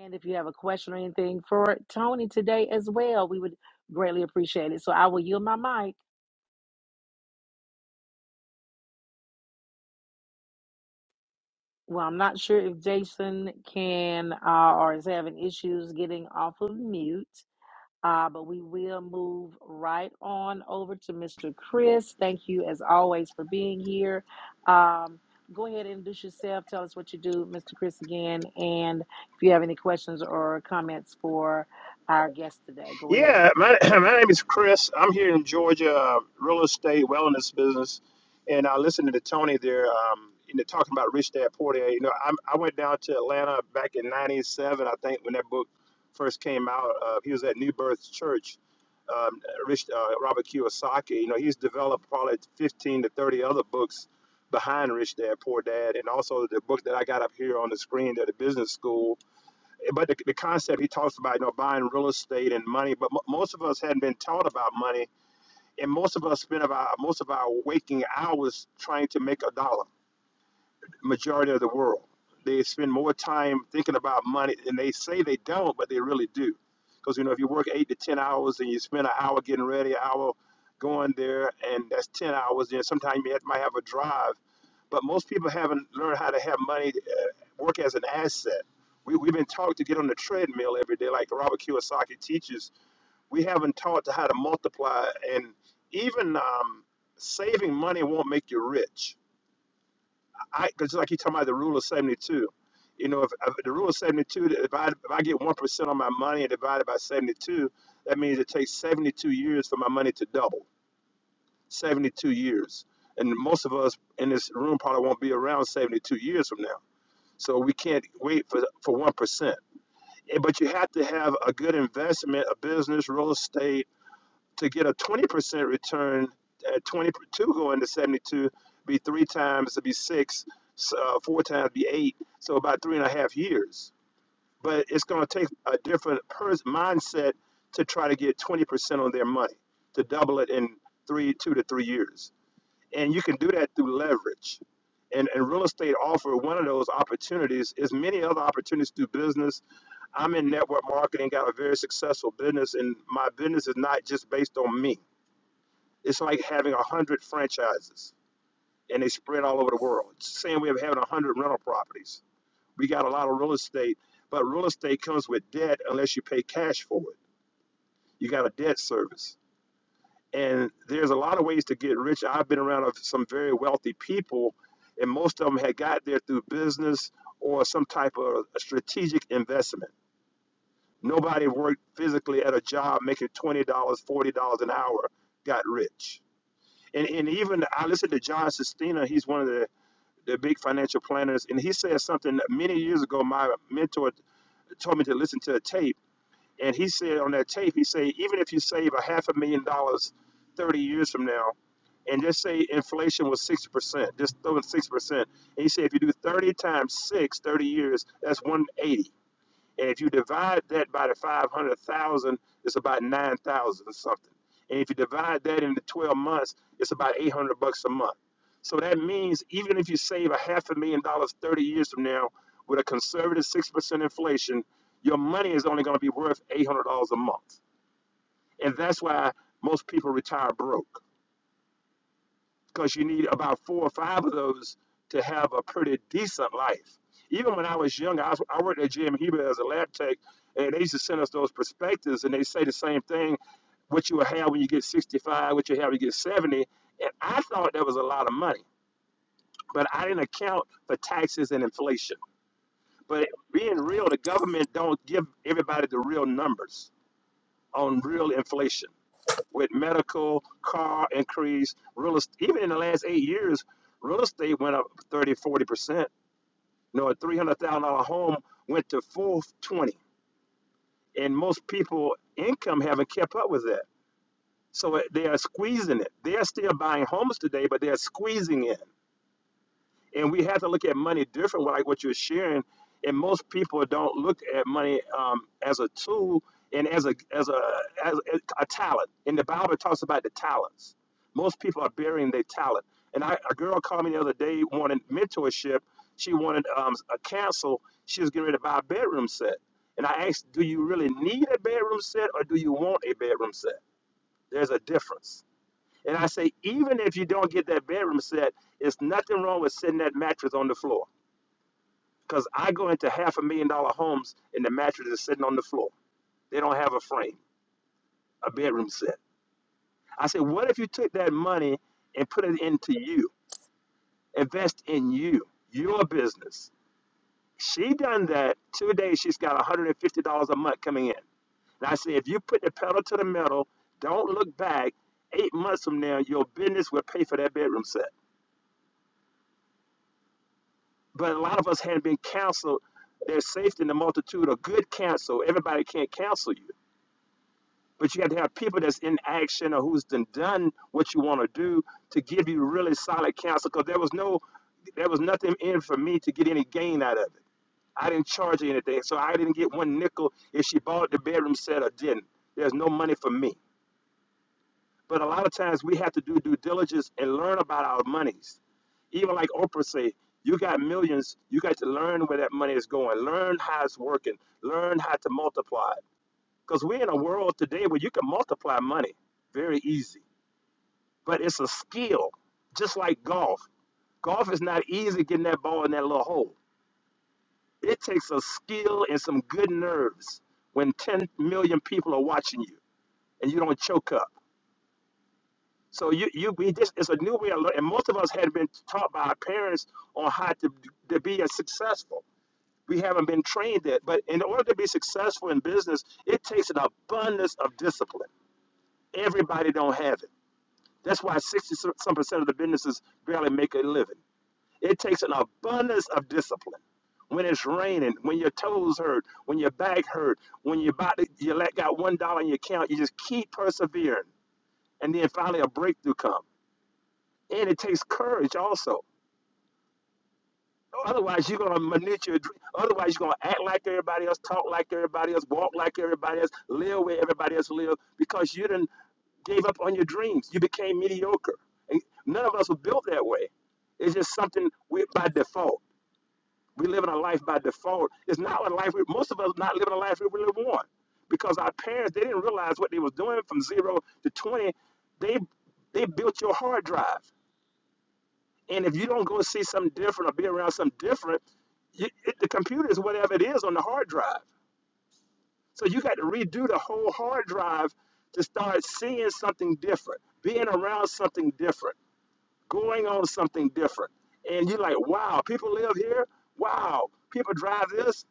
S1: and if you have a question or anything for Tony today as well, we would greatly appreciate it. So I will yield my mic. Well, I'm not sure if Jason can uh, or is having issues getting off of mute, uh, but we will move right on over to Mr. Chris. Thank you, as always, for being here. Um, go ahead and introduce yourself. Tell us what you do, Mr. Chris, again. And if you have any questions or comments for our guest today, go ahead.
S8: Yeah, my, my name is Chris. I'm here in Georgia, uh, real estate wellness business, and I listened to Tony there, um, you know, talking about Rich Dad Poor Dad. You know, I, I went down to Atlanta back in '97, I think, when that book first came out. Uh, he was at New Birth Church, um, Rich uh, Robert Kiyosaki. You know, he's developed probably 15 to 30 other books behind Rich Dad Poor Dad, and also the book that I got up here on the screen, that the Business School but the, the concept he talks about, you know, buying real estate and money, but mo most of us hadn't been taught about money, and most of us spend about most of our waking hours trying to make a dollar majority of the world. They spend more time thinking about money, and they say they don't, but they really do. Because you know, if you work eight to ten hours and you spend an hour getting ready, an hour going there, and that's ten hours. Then sometimes you have- might have a drive, but most people haven't learned how to have money uh, work as an asset. We, we've been taught to get on the treadmill every day, like Robert Kiyosaki teaches. We haven't taught to how to multiply, and even um, saving money won't make you rich I because like you talking about the rule of seventy two. You know, if, if the rule of seventy two, if I if I get one percent on my money and divide it by seventy two, that means it takes seventy two years for my money to double. Seventy two years, and most of us in this room probably won't be around seventy two years from now. So we can't wait for for one percent. But you have to have a good investment, a business, real estate to get a 20% return at 22 going to 72 be three times to be six uh, four times be eight so about three and a half years but it's going to take a different pers- mindset to try to get 20% on their money to double it in three two to three years and you can do that through leverage and, and real estate offer one of those opportunities is many other opportunities through business i'm in network marketing got a very successful business and my business is not just based on me it's like having a hundred franchises and they spread all over the world. It's the same way of having a hundred rental properties. We got a lot of real estate, but real estate comes with debt unless you pay cash for it. You got a debt service. And there's a lot of ways to get rich. I've been around some very wealthy people, and most of them had got there through business or some type of strategic investment. Nobody worked physically at a job making $20, dollars, $40 an hour, got rich and, and even I listened to John Sistina. He's one of the, the big financial planners, and he said something that many years ago. My mentor told me to listen to a tape, and he said on that tape, he said even if you save a half a million dollars thirty years from now, and just say inflation was six percent, just throw in six percent, and he said if you do thirty times six, thirty years, that's one eighty. And if you divide that by the 500,000, it's about 9,000 something. And if you divide that into 12 months, it's about 800 bucks a month. So that means even if you save a half a million dollars 30 years from now with a conservative 6% inflation, your money is only going to be worth $800 a month. And that's why most people retire broke because you need about four or five of those to have a pretty decent life. Even when I was younger, I, was, I worked at GM Huber as a lab tech, and they used to send us those perspectives, and they say the same thing: what you will have when you get 65, what you have when you get 70. And I thought that was a lot of money, but I didn't account for taxes and inflation. But being real, the government don't give everybody the real numbers on real inflation with medical, car increase, real estate. Even in the last eight years, real estate went up 30, 40 percent. You know, a three hundred thousand dollar home went to four twenty, and most people income haven't kept up with that. So they are squeezing it. They are still buying homes today, but they are squeezing it. and we have to look at money different like what you're sharing and most people don't look at money um, as a tool and as a as a as a, a talent and the bible talks about the talents most people are burying their talent and I, a girl called me the other day wanted mentorship she wanted um, a cancel she was getting ready to buy a bedroom set and i asked do you really need a bedroom set or do you want a bedroom set there's a difference and I say, even if you don't get that bedroom set, it's nothing wrong with sitting that mattress on the floor. Because I go into half a million dollar homes and the mattress is sitting on the floor. They don't have a frame, a bedroom set. I say, what if you took that money and put it into you? Invest in you, your business. She done that. Today she's got $150 a month coming in. And I say, if you put the pedal to the metal, don't look back. Eight months from now, your business will pay for that bedroom set. but a lot of us had been counseled there's safety in the multitude of good counsel everybody can't counsel you but you have to have people that's in action or who's done done what you want to do to give you really solid counsel because there was no there was nothing in for me to get any gain out of it i didn't charge her anything so i didn't get one nickel if she bought the bedroom set or didn't there's no money for me but a lot of times we have to do due diligence and learn about our monies. Even like Oprah say, you got millions, you got to learn where that money is going, learn how it's working, learn how to multiply it. Because we're in a world today where you can multiply money very easy. But it's a skill, just like golf. Golf is not easy getting that ball in that little hole. It takes a skill and some good nerves when 10 million people are watching you and you don't choke up. So you you be just it's a new way of learning. And most of us had been taught by our parents on how to to be as successful. We haven't been trained it. But in order to be successful in business, it takes an abundance of discipline. Everybody don't have it. That's why sixty some some percent of the businesses barely make a living. It takes an abundance of discipline. When it's raining, when your toes hurt, when your back hurt, when you about to, you let got one dollar in your account, you just keep persevering, and then finally a breakthrough comes. And it takes courage also. Otherwise, you're going to manipulate your dream. Otherwise, you're going to act like everybody else, talk like everybody else, walk like everybody else, live where everybody else lives because you didn't gave up on your dreams. You became mediocre. And none of us were built that way. It's just something we by default. We live in a life by default. It's not a life. We, most of us not living a life we really want because our parents they didn't realize what they was doing from zero to twenty. They they built your hard drive. And if you don't go see something different or be around something different, you, it, the computer is whatever it is on the hard drive. So you got to redo the whole hard drive to start seeing something different, being around something different, going on something different. And you're like, wow, people live here. Wow, people drive this.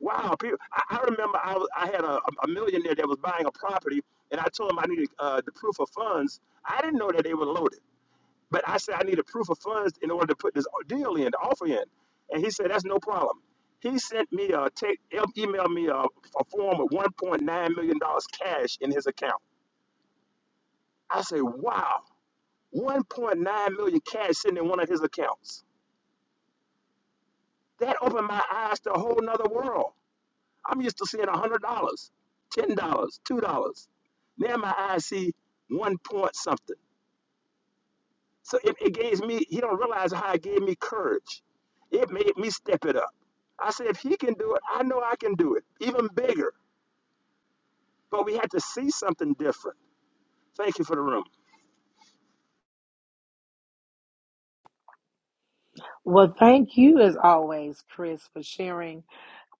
S8: Wow, people. I, I remember I, was, I had a, a millionaire that was buying a property, and I told him I needed uh, the proof of funds. I didn't know that they were loaded. But I said I need a proof of funds in order to put this deal in, the offer in. And he said, that's no problem. He sent me a take, emailed me a, a form with $1.9 million dollars cash in his account. I said, wow, 1.9 million dollars cash sitting in one of his accounts. That opened my eyes to a whole nother world. I'm used to seeing $100, $10, dollars, $2. Now my eyes see one point something. So it, it gave me, you don't realize how it gave me courage. It made me step it up. I said, if he can do it, I know I can do it, even bigger. But we had to see something different. Thank you for the room.
S1: Well, thank you, as always, Chris, for sharing.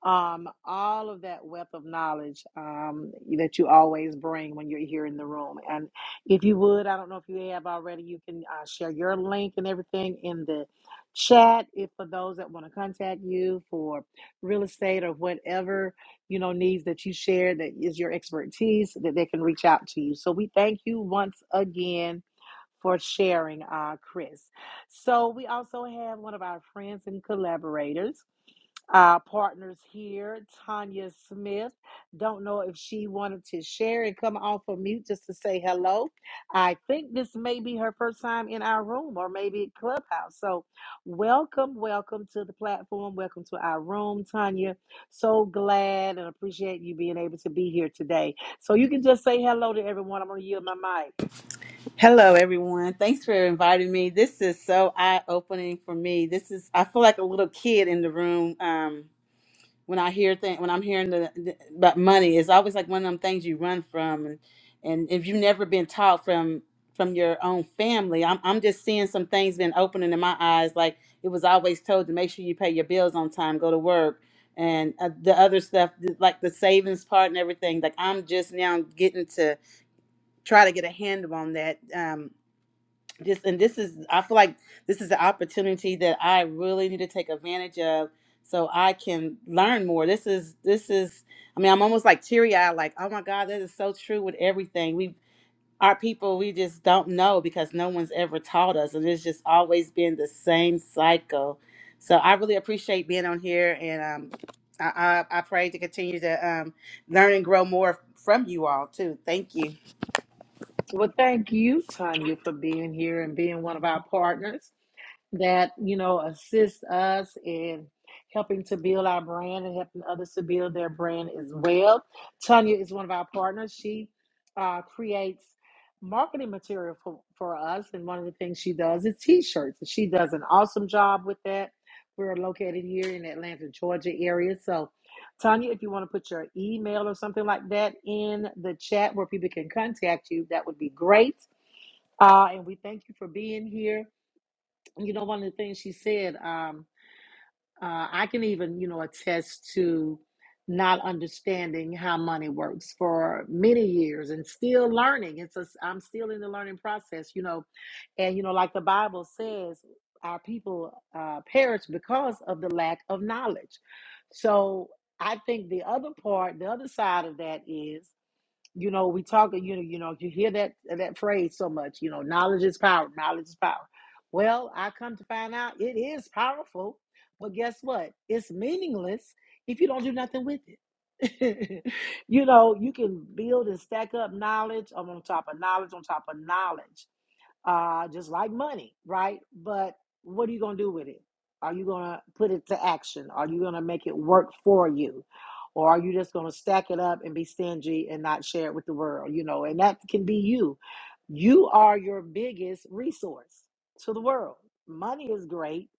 S1: um, all of that wealth of knowledge um, that you always bring when you're here in the room. And if you would, I don't know if you have already, you can uh, share your link and everything in the chat. If for those that want to contact you for real estate or whatever you know needs that you share that is your expertise, that they can reach out to you. So we thank you once again. For sharing, uh, Chris. So, we also have one of our friends and collaborators our partners here, Tanya Smith. Don't know if she wanted to share and come off of mute just to say hello. I think this may be her first time in our room or maybe Clubhouse. So, welcome, welcome to the platform. Welcome to our room, Tanya. So glad and appreciate you being able to be here today. So, you can just say hello to everyone. I'm going to yield my mic.
S9: Hello, everyone. Thanks for inviting me. This is so eye opening for me. This is I feel like a little kid in the room um, when I hear thing when I'm hearing the, the about money. It's always like one of them things you run from, and and if you've never been taught from from your own family, I'm I'm just seeing some things been opening in my eyes. Like it was always told to make sure you pay your bills on time, go to work, and uh, the other stuff like the savings part and everything. Like I'm just now getting to try to get a handle on that um, just and this is i feel like this is the opportunity that i really need to take advantage of so i can learn more this is this is i mean i'm almost like teary-eyed like oh my god that is so true with everything we our people we just don't know because no one's ever taught us and it's just always been the same cycle so i really appreciate being on here and um i i, I pray to continue to um learn and grow more from you all too thank you
S1: Well, thank you, Tanya, for being here and being one of our partners. that you know assist us in helping to build our brand and helping others to build their brand as well. Tanya is one of our partners. She uh, creates marketing material for, for us, and one of the things she does is t-shirts. She does an awesome job with that. We're located here in Atlanta, Georgia area. So, Tanya, if you want to put your email or something like that in the chat where people can contact you, that would be great. Uh, and we thank you for being here you know, one of the things she said, um, uh, I can even, you know, attest to not understanding how money works for many years and still learning. It's a, I'm still in the learning process, you know, and you know, like the Bible says, our people uh, perish because of the lack of knowledge. So I think the other part, the other side of that is you know we talk you know you know you hear that that phrase so much you know knowledge is power knowledge is power well i come to find out it is powerful but guess what it's meaningless if you don't do nothing with it you know you can build and stack up knowledge on top of knowledge on top of knowledge uh, just like money, right? But what are you going to do with it? Are you going to put it to action? Are you going to make it work for you? Or are you just going to stack it up and be stingy and not share it with the world? You know, and that can be you. You are your biggest resource to the world. Money is great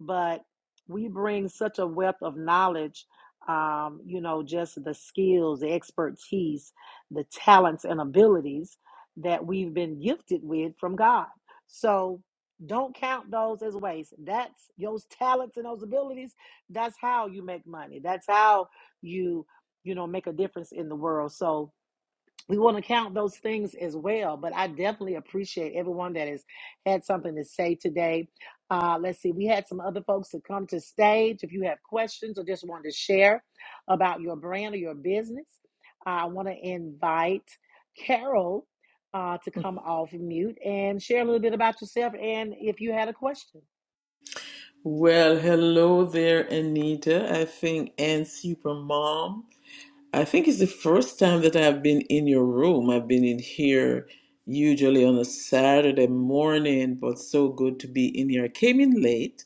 S1: but we bring such a wealth of knowledge um, you know just the skills the expertise the talents and abilities that we've been gifted with from god so don't count those as waste that's those talents and those abilities that's how you make money that's how you you know make a difference in the world so we want to count those things as well. But I definitely appreciate everyone that has had something to say today. Uh, let's see, we had some other folks that come to stage. If you have questions or just want to share about your brand or your business, uh, I want to invite Carol uh, to come off mute and share a little bit about yourself and if you had a question.
S10: Well, hello there, Anita. I think and Supermom. I think it's the first time that I've been in your room. I've been in here usually on a Saturday morning, but so good to be in here. I came in late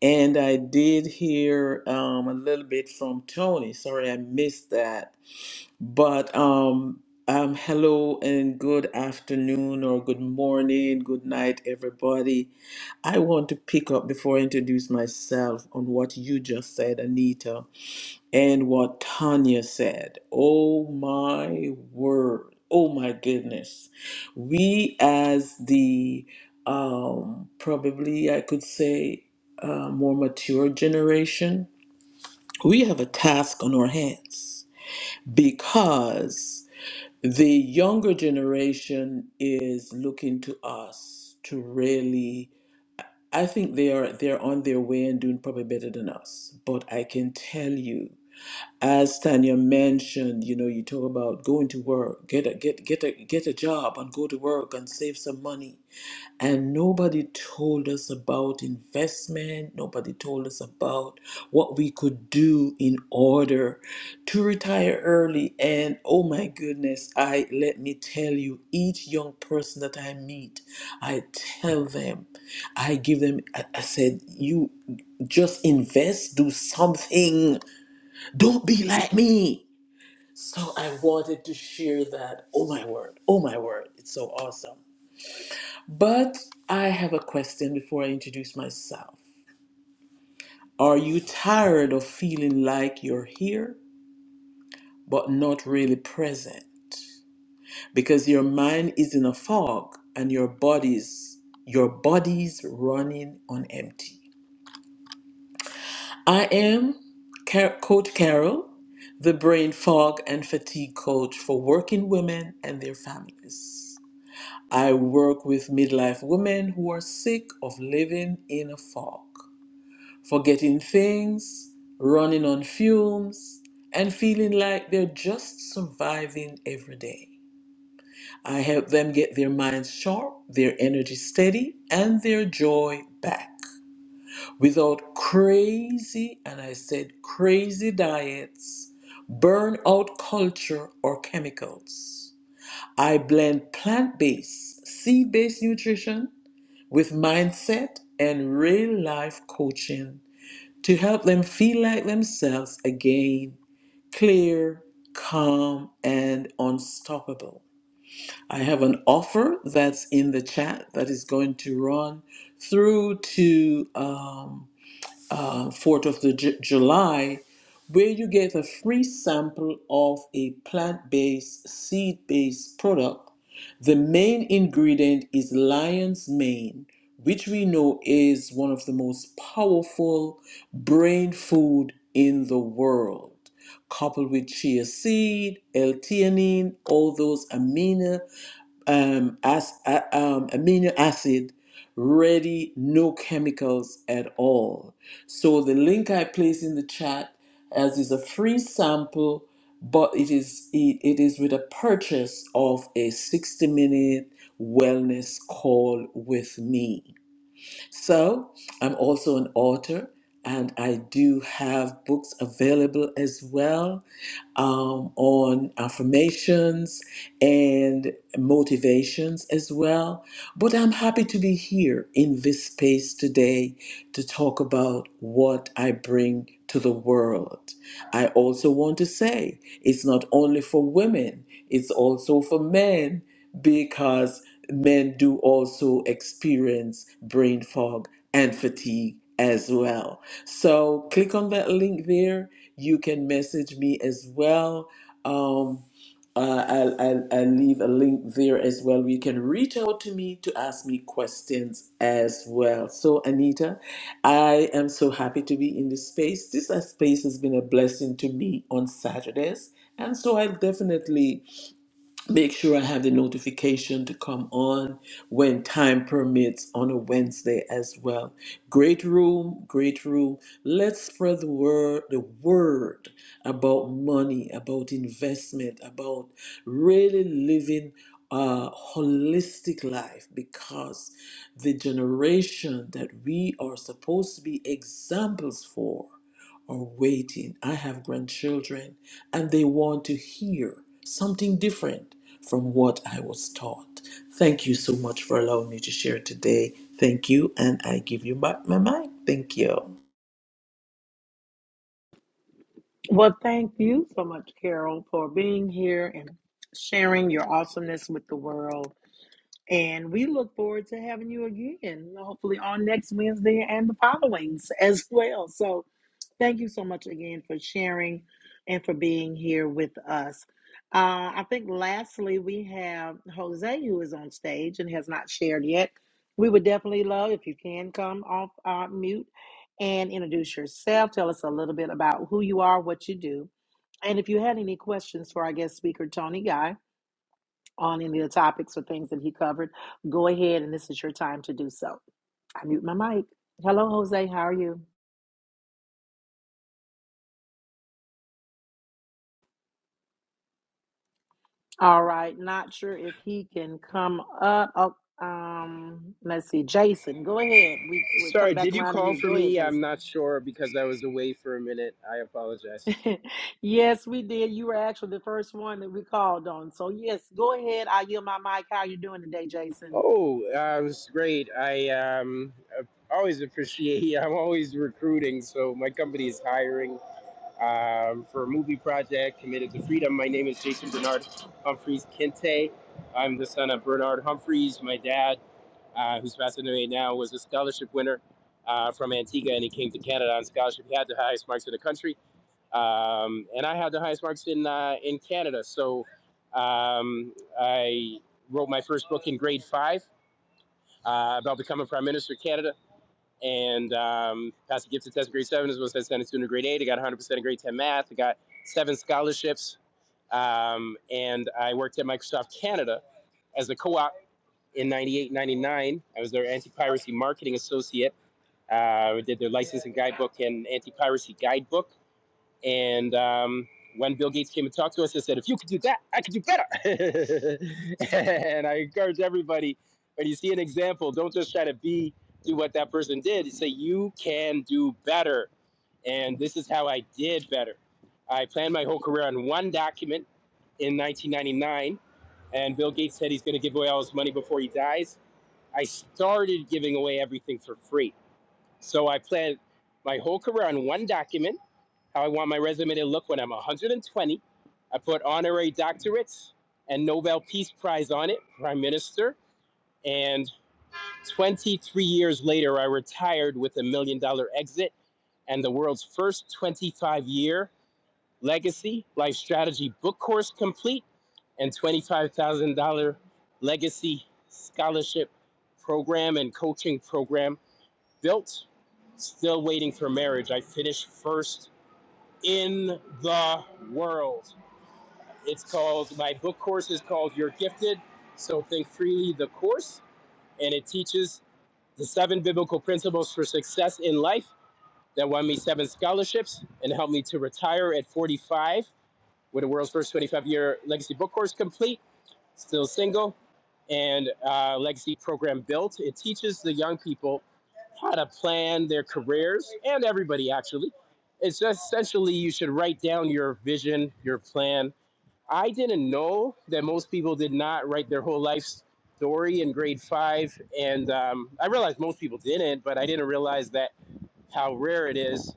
S10: and I did hear um, a little bit from Tony. Sorry I missed that. But um, um, hello and good afternoon or good morning, good night, everybody. I want to pick up before I introduce myself on what you just said, Anita, and what Tanya said. Oh my word. Oh my goodness. We, as the um, probably I could say uh, more mature generation, we have a task on our hands because the younger generation is looking to us to really I think they are they're on their way and doing probably better than us. But I can tell you, as Tanya mentioned, you know, you talk about going to work, get a get get a get a job and go to work and save some money and nobody told us about investment. Nobody told us about what we could do in order to retire early. And oh my goodness, I let me tell you, each young person that I meet, I tell them, I give them, I, I said, you just invest, do something, don't be like me. So I wanted to share that. Oh my word, oh my word, it's so awesome. But I have a question before I introduce myself. Are you tired of feeling like you're here, but not really present? Because your mind is in a fog and your body's your body's running on empty. I am Car- Coach Carol, the brain fog and fatigue coach for working women and their families. I work with midlife women who are sick of living in a fog. forgetting things, running on fumes, and feeling like they're just surviving every day. I help them get their minds sharp, their energy steady, and their joy back without crazy, and I said crazy diets, burnout culture, or chemicals. I blend plant based, seed based nutrition with mindset and real life coaching to help them feel like themselves again, clear, calm, and unstoppable. I have an offer that's in the chat that is going to run through to um, uh, 4th of the Ju- July, where you get a free sample of a plant based, seed based product. The main ingredient is lion's mane, which we know is one of the most powerful brain food in the world. Coupled with chia seed, L-theanine, all those amino um, as, uh, um, amino acid ready, no chemicals at all. So the link I place in the chat as is a free sample, but it is it, it is with a purchase of a 60 minute wellness call with me. So I'm also an author, and I do have books available as well um, on affirmations and motivations as well. But I'm happy to be here in this space today to talk about what I bring to the world. I also want to say it's not only for women, it's also for men because men do also experience brain fog and fatigue as well. So click on that link there. You can message me as well. Um, uh, I'll, I'll, I'll leave a link there as well. You can reach out to me to ask me questions as well. So, Anita, I am so happy to be in this space. This uh, space has been a blessing to me on Saturdays. And so I'll definitely make sure I have the notification to come on when time permits on a Wednesday as well. Great room, great room. Let's spread the word, the word about money, about investment, about really living a holistic life because the generation that we are supposed to be examples for are waiting. I have grandchildren and they want to hear something different from what I was taught. Thank you so much for allowing me to share today. Thank you, and I give you back my mic. Thank you.
S1: Well, thank you so much, Carol, for being here and sharing your awesomeness with the world. And we look forward to having you again, hopefully on next Wednesday and the followings as well. So thank you so much again for sharing and for being here with us. Uh, I think lastly, we have Jose who is on stage and has not shared yet. We would definitely love if you can come off uh, mute and introduce yourself. Tell us a little bit about who you are, what you do. And if you had any questions for our guest speaker, Tony Guy, on any of the topics or things that he covered, go ahead and this is your time to do so. I mute my mic. Hello, Jose. How are you? All right. Not sure if he can come up. Oh, um, let's see. Jason, go ahead. We we'll
S6: Sorry,
S1: come back
S6: did you
S1: around to
S6: call
S1: you.
S6: for
S1: Go ahead,
S6: me? I'm not sure because I was away for a minute. I apologize.
S1: Jason. yes, we did. You were actually the first one that we called on. So yes, go ahead. I yield my mic. How are you doing today, Jason?
S6: Oh, uh, it was great. I um, always appreciate. I'm always recruiting, so my company is hiring um, for a movie project committed to freedom. My name is Jason Bernard Humphreys Kinte. I'm the son of Bernard Humphreys. My dad, uh, who's passing away now, was a scholarship winner uh, from Antigua, and he came to Canada on scholarship. He had the highest marks in the country um, and I had the highest marks in uh, in Canada. So um, I wrote my first book in grade five uh, about becoming prime minister of Canada, and um, passed the gifted test in grade seven as well as I sent it to in grade eight. I got 100 percent in grade ten math. I got seven scholarships, um, and I worked at Microsoft Canada as a co-op in 98 99 i was their anti-piracy marketing associate uh, I did their licensing guidebook and anti-piracy guidebook and um, when Bill Gates came and talked to us, I said, if you could do that, I could do better. and I encourage everybody, when you see an example, don't just try to be, do what that person did. Say, you can do better. And this is how I did better. I planned my whole career on one document in 1999. And Bill Gates said he's going to give away all his money before he dies. I started giving away everything for free. So I planned my whole career on one document how I want my resume to look when I'm 120. I put honorary doctorates and Nobel Peace Prize on it, Prime Minister. And 23 years later, I retired with a million dollar exit and the world's first 25 year legacy life strategy book course complete and $25,000 legacy scholarship program and coaching program built. Still waiting for marriage. I finished first in the world. It's called, my book course is called You're Gifted, So Think Freely, the course. And it teaches the seven biblical principles for success in life that won me seven scholarships and helped me to retire at 45 with the world's first 25 year legacy book course complete, still single, and uh, legacy program built. It teaches the young people how to plan their careers and everybody actually. It's just essentially you should write down your vision, your plan. I didn't know that most people did not write their whole life story in grade five, and um, I realized most people didn't, but I didn't realize that how rare it is.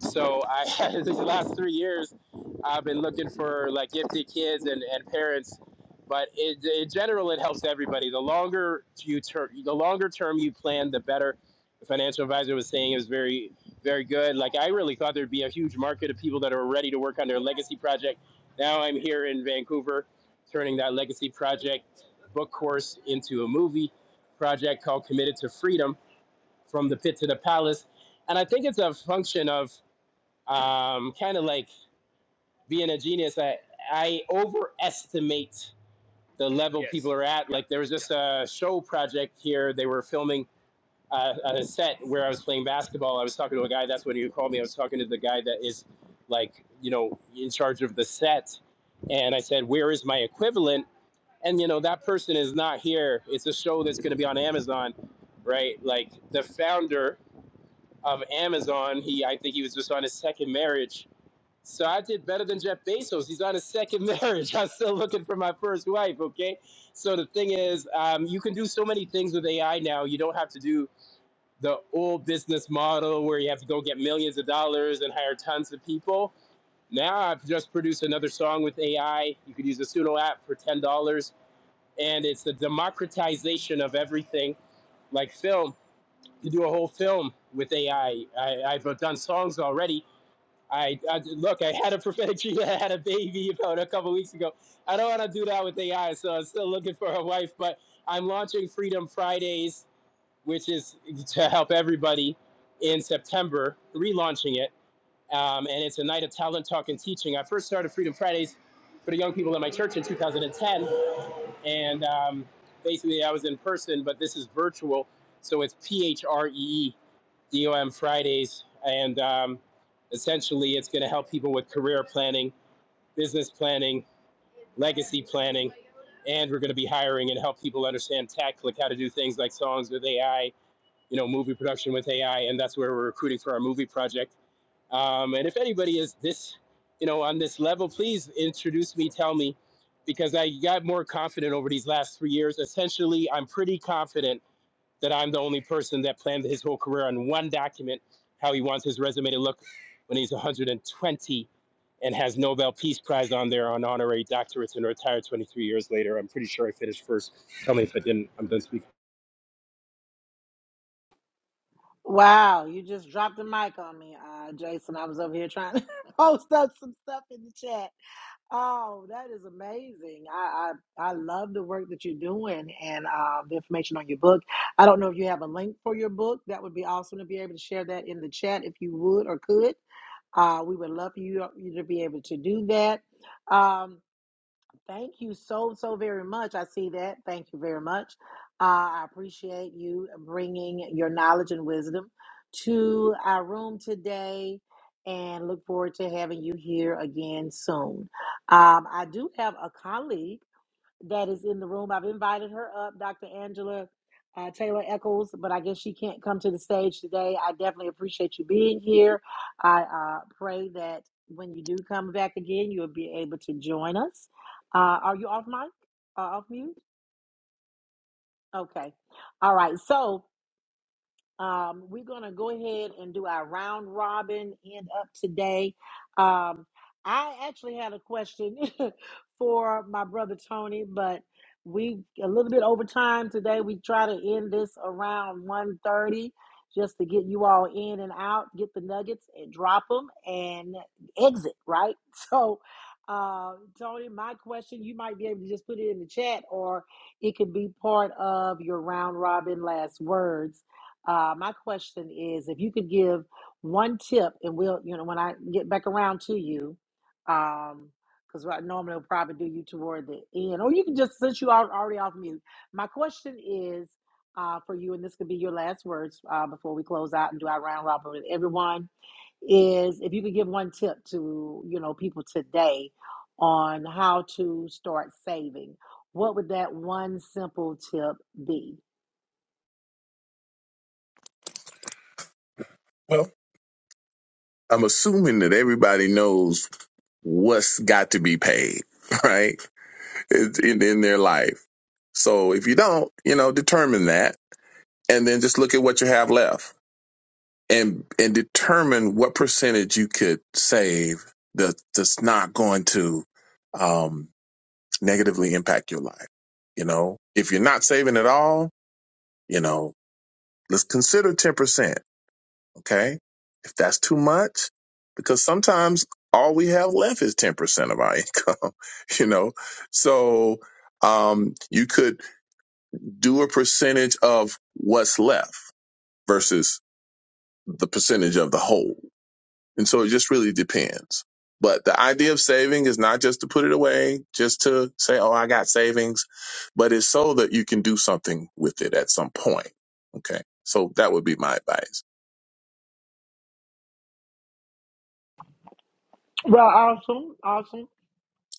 S6: So I these last three years, I've been looking for like gifted kids and, and parents. But it, in general, it helps everybody. The longer you ter- the longer term you plan, the better. The financial advisor was saying it was very, very good. Like I really thought there'd be a huge market of people that are ready to work on their legacy project. Now I'm here in Vancouver, turning that legacy project book course into a movie project called Committed to Freedom from the pit to the palace. And I think it's a function of um, kind of like being a genius. I, I overestimate the level Yes. people are at. Like there was just a show project here. They were filming uh, a set where I was playing basketball. I was talking to a guy. That's what he called me. I was talking to the guy that is like, you know, in charge of the set. And I said, where is my equivalent? And, you know, that person is not here. It's a show that's going to be on Amazon, right? Like the founder of Amazon. He, I think he was just on his second marriage. So I did better than Jeff Bezos. He's on his second marriage. I'm still looking for my first wife. Okay. So the thing is, um, you can do so many things with AI now. You don't have to do the old business model where you have to go get millions of dollars and hire tons of people. Now I've just produced another song with AI. You could use the pseudo app for ten dollars, and it's the democratization of everything, like film to do a whole film with AI. I, have done songs already. I, I look. I had a prophetic dream. that I had a baby about a couple weeks ago. I don't want to do that with AI, so I'm still looking for a wife. But I'm launching Freedom Fridays, which is to help everybody in September. Relaunching it, um, and it's a night of talent talk and teaching. I first started Freedom Fridays for the young people in my church in 2010, and um, basically I was in person, but this is virtual. So it's PHREE DOM Fridays, and um, essentially it's going to help people with career planning, business planning, legacy planning, and we're going to be hiring and help people understand tech, like how to do things like songs with AI, you know, movie production with AI, and that's where we're recruiting for our movie project. Um, and if anybody is this, you know, on this level, please introduce me, tell me, because I got more confident over these last three years. Essentially, I'm pretty confident that I'm the only person that planned his whole career on one document, how he wants his resume to look when he's 120 and has Nobel Peace Prize on there on honorary doctorates and retired 23 years later. I'm pretty sure I finished first. Tell me if I didn't. I'm done speaking.
S1: Wow, you just dropped the mic on me, uh, Jason. I was over here trying to post up some stuff in the chat. Oh, that is amazing. I, I I love the work that you're doing and uh, the information on your book. I don't know if you have a link for your book. That would be awesome to be able to share that in the chat if you would or could. Uh, we would love for you, you to be able to do that. Um, Thank you so, so very much. I see that. Thank you very much. Uh, I appreciate you bringing your knowledge and wisdom to our room today and look forward to having you here again soon. Um, I do have a colleague that is in the room. I've invited her up, Dr. Angela uh, Taylor Eccles, but I guess she can't come to the stage today. I definitely appreciate you being here. I uh, pray that when you do come back again, you'll be able to join us. Uh, are you off mic? Uh, off mute? Okay. All right. So, um, we're going to go ahead and do our round robin end up today. Um, I actually had a question for my brother Tony, but we a little bit over time today. We try to end this around one thirty, just to get you all in and out, get the nuggets and drop them and exit, right? So, uh, Tony, my question, you might be able to just put it in the chat or it could be part of your round robin last words uh, my question is if you could give one tip, and we'll, you know, when I get back around to you, um, because I normally will probably do you toward the end, or you can just since you are already off mute. My question is uh, for you, and this could be your last words uh, before we close out and do our round robin with everyone. Is if you could give one tip to you know people today on how to start saving, what would that one simple tip be?
S5: Well. I'm assuming that everybody knows what's got to be paid, right? In, in their life. So if you don't, you know, determine that and then just look at what you have left and, and determine what percentage you could save that, that's not going to, um, negatively impact your life. You know, if you're not saving at all, you know, let's consider 10%. Okay. If that's too much, because sometimes all we have left is 10% of our income, you know? So, um, you could do a percentage of what's left versus the percentage of the whole. And so it just really depends. But the idea of saving is not just to put it away, just to say, oh, I got savings, but it's so that you can do something with it at some point. Okay. So that would be my advice.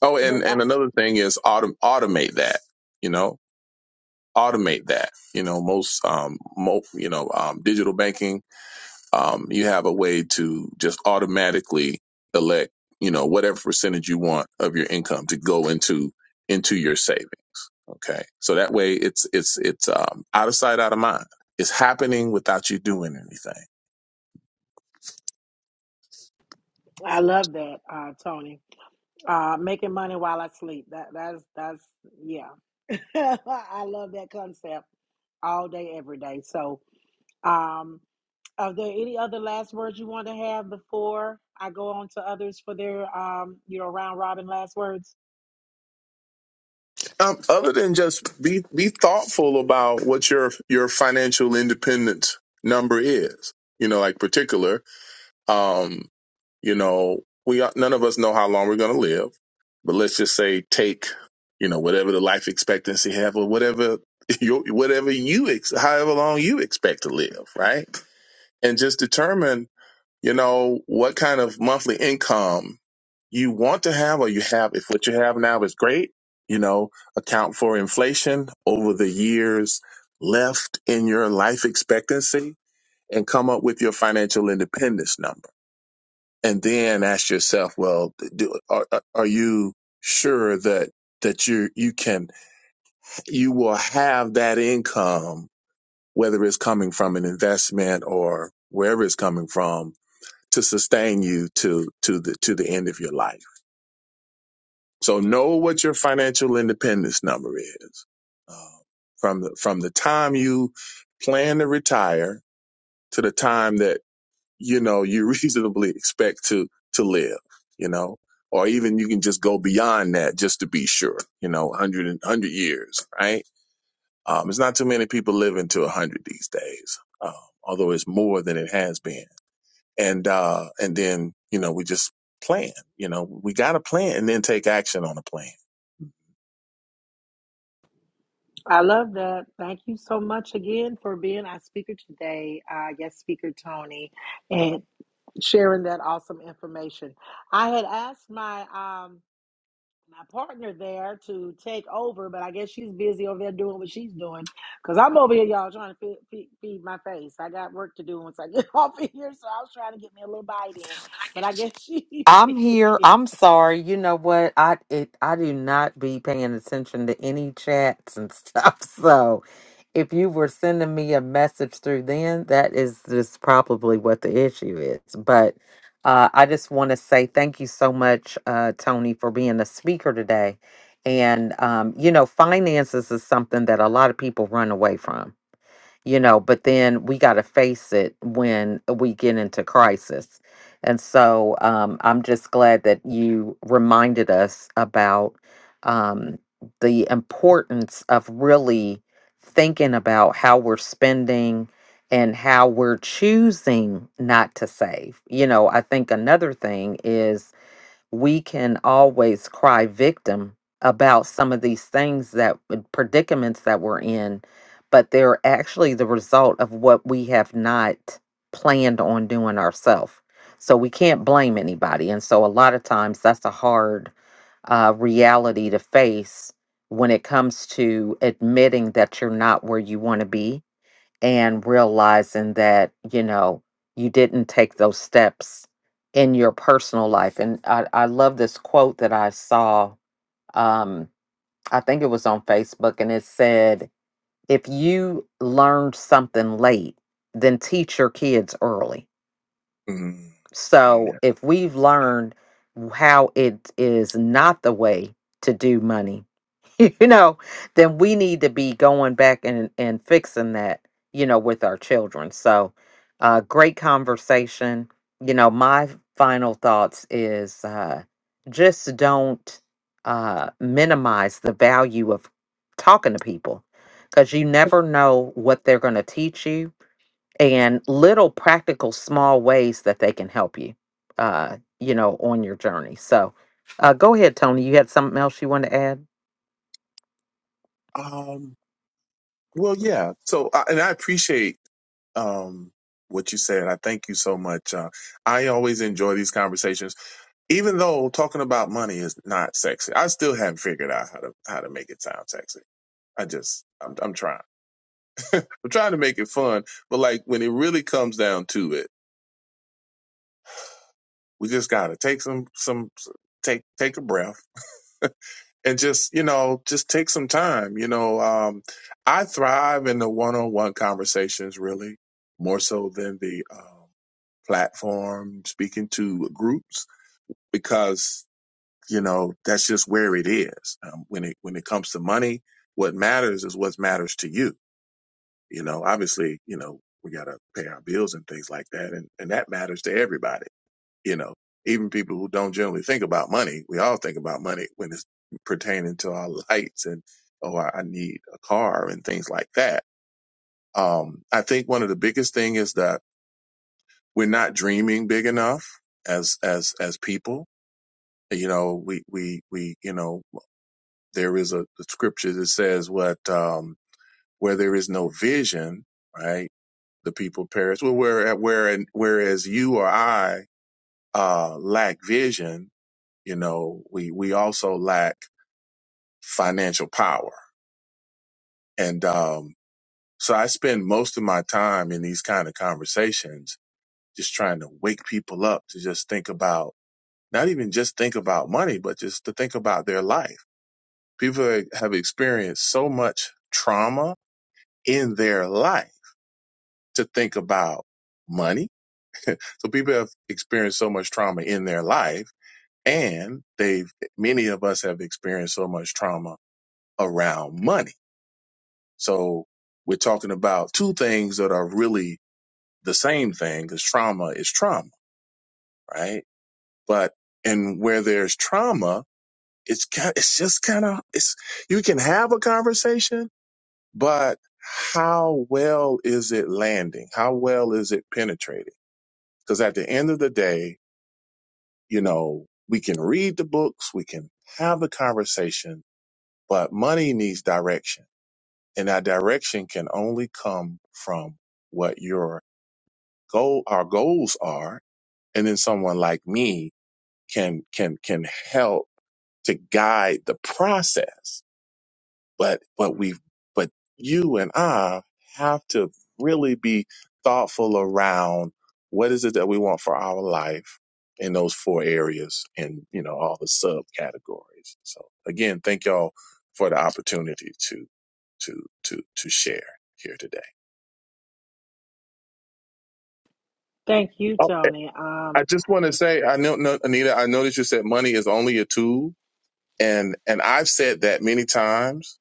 S5: Oh, and
S1: Look,
S5: and another thing is autom- automate that. You know, automate that. You know, most um, mo- you know, um, digital banking, um, you have a way to just automatically elect, you know, whatever percentage you want of your income to go into into your saving. Okay, so that way it's it's it's um, out of sight, out of mind. It's happening without you doing anything.
S1: I love that, uh, Tony. Uh, making money while I sleep. That that's that's yeah. I love that concept all day, every day. So, um, are there any other last words you want to have before I go on to others for their um, you know, round robin last words?
S5: Um, other than just be be thoughtful about what your your financial independence number is. You know, like particular. Um, You know, we are, none of us know how long we're going to live, but let's just say take, you know, whatever the life expectancy have or whatever your whatever you ex- however long you expect to live, right? And just determine, you know, what kind of monthly income you want to have or you have if what you have now is great, you know, account for inflation over the years left in your life expectancy and come up with your financial independence number and then ask yourself, well, do, are, are you sure that that you you can you will have that income, whether it's coming from an investment or wherever it's coming from, to sustain you to to the to the end of your life. So know what your financial independence number is uh, from the, from the time you plan to retire to the time that you know you reasonably expect to to live you know or even you can just go beyond that just to be sure you know 100 years right um it's not too many people living to 100 these days um, although it's more than it has been and uh and then you know we just plan you know we got a plan and then take action on a plan
S1: I love that. Thank you so much again for being our speaker today, uh, guest speaker Tony, and sharing that awesome information. I had asked my um my partner there to take over, but I guess she's busy over there doing what she's doing. Cause I'm over here, y'all, trying to feed, feed, feed my face. I got work to do once I get off of here, so I was trying to get me a little bite in, but I guess she's
S2: I'm here.
S1: busy.
S2: I'm sorry. You know what? I it, I do not be paying attention to any chats and stuff. So, if you were sending me a message through then, that is just probably what the issue is. But uh, I just want to say thank you so much, uh, Tony, for being a speaker today. And um, you know, finances is something that a lot of people run away from you know, but then we got to face it when we get into crisis. And so um, I'm just glad that you reminded us about um, the importance of really thinking about how we're spending and how we're choosing not to save. You know, I think another thing is we can always cry victim about some of these things that uh, predicaments that we're in, but they're actually the result of what we have not planned on doing ourselves. So we can't blame anybody. And so a lot of times that's a hard uh, reality to face when it comes to admitting that you're not where you want to be and realizing that you know you didn't take those steps in your personal life and i, I love this quote that i saw um, i think it was on facebook and it said if you learned something late then teach your kids early
S5: Mm,
S2: so
S5: yeah.
S2: if we've learned how it is not the way to do money, you know, then we need to be going back and, and fixing that, you know, with our children. So uh great conversation. You know, my final thoughts is uh just don't uh minimize the value of talking to people because you never know what they're going to teach you and little practical small ways that they can help you uh you know on your journey so uh go ahead tony you had something else you wanted to add
S5: Um, well, yeah. So, I- and I appreciate um, what you said. I thank you so much. Uh, I always enjoy these conversations, even though talking about money is not sexy. I still haven't figured out how to how to make it sound sexy. I just I'm I'm trying. I'm trying to make it fun, but like when it really comes down to it, we just gotta take some some take take a breath and just you know just take some time you know um i thrive in the one-on-one conversations really more so than the um, platform speaking to groups because you know that's just where it is um, when it when it comes to money what matters is what matters to you you know obviously you know we got to pay our bills and things like that and, and that matters to everybody you know, even people who don't generally think about money, we all think about money when it's pertaining to our lights and, oh, I I need a car and things like that. Um, I think one of the biggest thing is that we're not dreaming big enough as, as, as people. You know, we, we, we, you know, there is a, a scripture that says what, um, where there is no vision, right? The people perish. Well, where, where, whereas you or I, uh, lack vision, you know we we also lack financial power and um so i spend most of my time in these kind of conversations just trying to wake people up to just think about not even just think about money but just to think about their life people have experienced so much trauma in their life to think about money so people have experienced so much trauma in their life and they've many of us have experienced so much trauma around money So we're talking about two things that are really the same thing because trauma is trauma, right? But and where there's trauma, it's ki- it's just kind of it's you can have a conversation, but how well is it landing? How well is it penetrating? Because at the end of the day, you know, we can read the books, we can have the conversation, but money needs direction. And that direction can only come from what you're goal our goals are and then someone like me can can can help to guide the process but but we but you and I have to really be thoughtful around what is it that we want for our life in those four areas and you know all the subcategories so again thank y'all for the opportunity to to to to share here today
S1: Thank you,
S5: Oh,
S1: Tony.
S5: I
S1: Um,
S5: just want to say, I know, no, Anita, I know that you said money is only a tool, and and I've said that many times.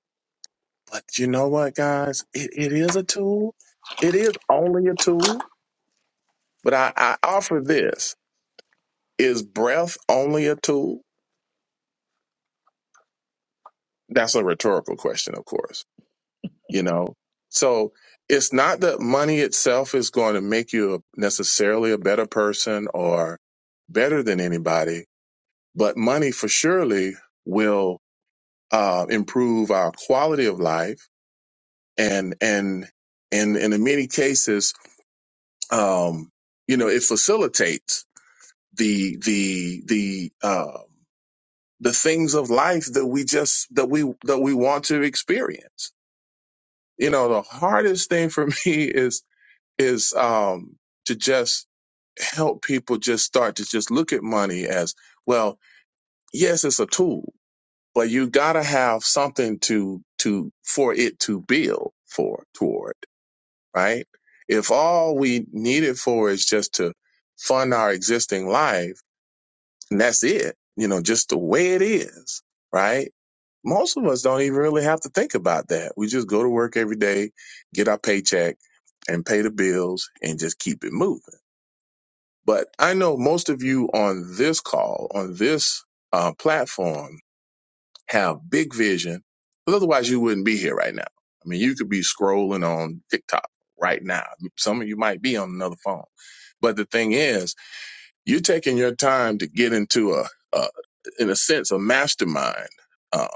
S5: But you know what, guys, it, it is a tool. It is only a tool. But I, I offer this: is breath only a tool? That's a rhetorical question, of course. You know, so it's not that money itself is going to make you a- necessarily a better person or better than anybody, but money for surely will uh, improve our quality of life and and and, and in many cases um, you know it facilitates the the the uh, the things of life that we just that we that we want to experience you know the hardest thing for me is is um, to just help people just start to just look at money as well yes it's a tool but you gotta have something to to for it to build for toward right if all we need it for is just to fund our existing life and that's it you know just the way it is right most of us don't even really have to think about that we just go to work every day get our paycheck and pay the bills and just keep it moving but i know most of you on this call on this uh, platform have big vision. because otherwise, you wouldn't be here right now. I mean, you could be scrolling on TikTok right now. Some of you might be on another phone. But the thing is, you're taking your time to get into a, a in a sense, a mastermind um,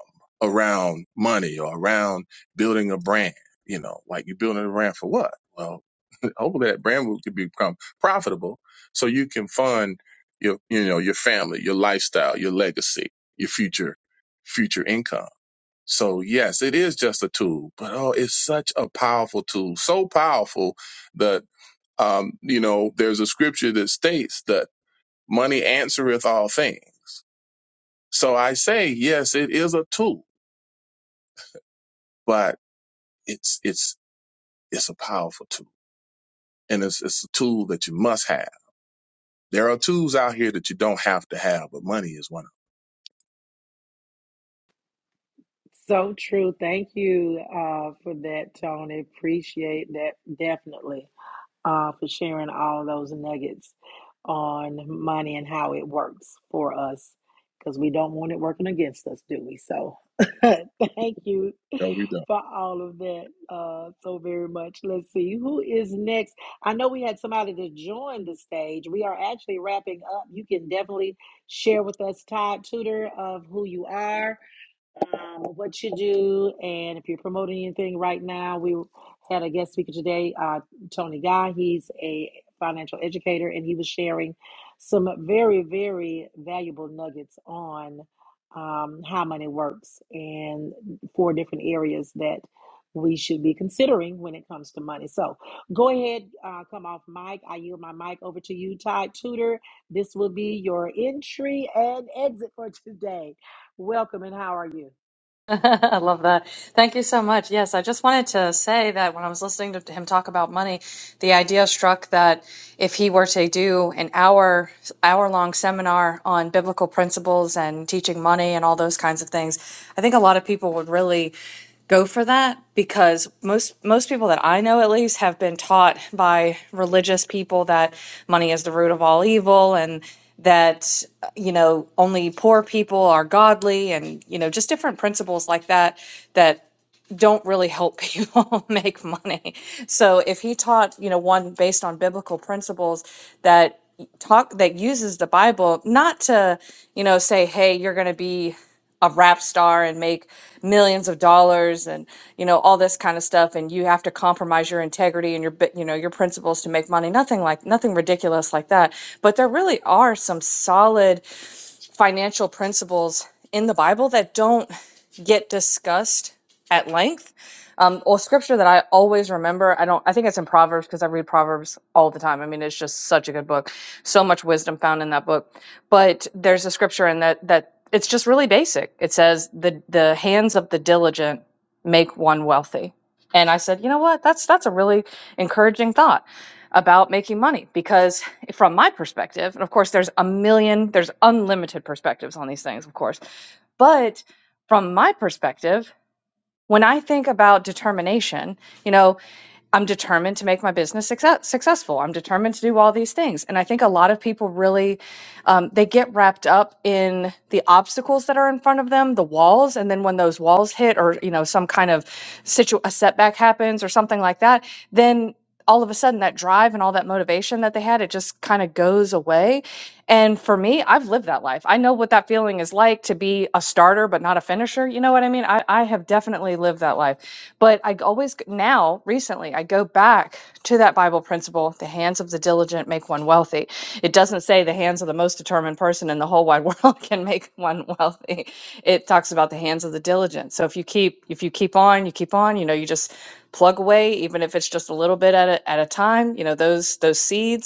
S5: around money or around building a brand. You know, like you're building a brand for what? Well, hopefully that brand will could become profitable, so you can fund your, you know, your family, your lifestyle, your legacy, your future, future income. So yes, it is just a tool, but oh, it's such a powerful tool, so powerful that um, you know, there's a scripture that states that Money answereth all things. So I say, yes, it is a tool, but it's it's it's a powerful tool, and it's it's a tool that you must have. There are tools out here that you don't have to have, but money is one of
S1: So true. Thank you uh, for that, Tony. Appreciate that definitely uh, for sharing all those nuggets on money and how it works for us because we don't want it working against us, do we? So thank you
S5: them. No, we don't.
S1: for all of that uh, so very much. Let's see who is next. I know we had somebody to join the stage. We are actually wrapping up. You can definitely share with us, Todd Tudor, of who you are um, what you do, and if you're promoting anything right now. We had a guest speaker today, uh, Tony Guy. He's a financial educator, and he was sharing some very, very valuable nuggets on um, how money works and four different areas that we should be considering when it comes to money. So go ahead, uh, come off mic. I yield my mic over to you, Todd Tudor. This will be your entry and exit for today. Welcome, and how are you?
S11: I love that. Thank you so much. Yes, I just wanted to say that when I was listening to him talk about money, the idea struck that if he were to do an hour hour long seminar on biblical principles and teaching money and all those kinds of things, I think a lot of people would really go for that because most most people that I know at least have been taught by religious people that money is the root of all evil and that uh, you know only poor people are godly and you know just different principles like that that don't really help people make money. So if he taught, you know, one based on biblical principles that talk that uses the Bible not to, you know, say hey, you're going to be a rap star and make millions of dollars and you know all this kind of stuff and you have to compromise your integrity and your you know your principles to make money nothing like nothing ridiculous like that but there really are some solid financial principles in the Bible that don't get discussed at length. Um, well, scripture that I always remember, I don't, I think it's in Proverbs because I read Proverbs all the time. I mean, it's just such a good book. So much wisdom found in that book. But there's a scripture in that that it's just really basic. It says the the hands of the diligent make one wealthy. And I said, you know what? That's that's a really encouraging thought about making money because from my perspective, and of course, there's a million, there's unlimited perspectives on these things, of course. But from my perspective, when I think about determination, you know, I'm determined to make my business success, successful. I'm determined to do all these things. And I think a lot of people really, um, they get wrapped up in the obstacles that are in front of them, the walls. And then when those walls hit or, you know, some kind of situ, a setback happens or something like that, then all of a sudden that drive and all that motivation that they had, it just kind of goes away. And for me, I've lived that life. I know what that feeling is like to be a starter, but not a finisher. You know what I mean? I, I have definitely lived that life. But I always, now recently, I go back to that Bible principle the hands of the diligent make one wealthy. It doesn't say the hands of the most determined person in the whole wide world can make one wealthy. It talks about the hands of the diligent. So if you keep, if you keep on, you keep on, you know, you just plug away, even if it's just a little bit at a, at a time, you know, those, those seeds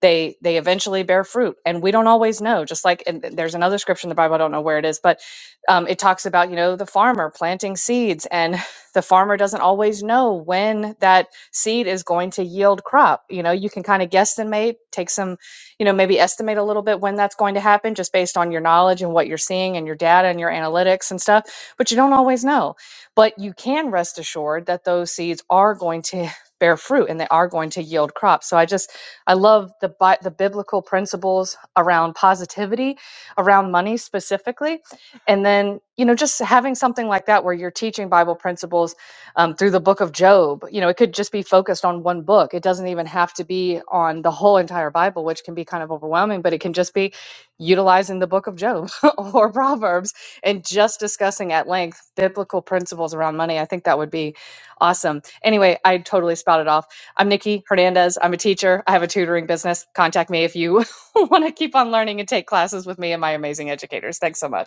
S11: they they eventually bear fruit and we don't always know just like and there's another scripture in the bible i don't know where it is but um, it talks about you know the farmer planting seeds and the farmer doesn't always know when that seed is going to yield crop you know you can kind of guess and maybe take some you know maybe estimate a little bit when that's going to happen just based on your knowledge and what you're seeing and your data and your analytics and stuff but you don't always know but you can rest assured that those seeds are going to bear fruit and they are going to yield crops so i just I love the bi- the biblical principles around positivity, around money specifically, and then you know just having something like that where you're teaching Bible principles um, through the Book of Job. You know, it could just be focused on one book. It doesn't even have to be on the whole entire Bible, which can be kind of overwhelming. But it can just be utilizing the Book of Job or Proverbs and just discussing at length biblical principles around money. I think that would be awesome. Anyway, I totally spouted off. I'm Nikki Hernandez. I'm a teacher. I have a tutoring business. Contact me if you want to keep on learning and take classes with me and my amazing educators. Thanks so much.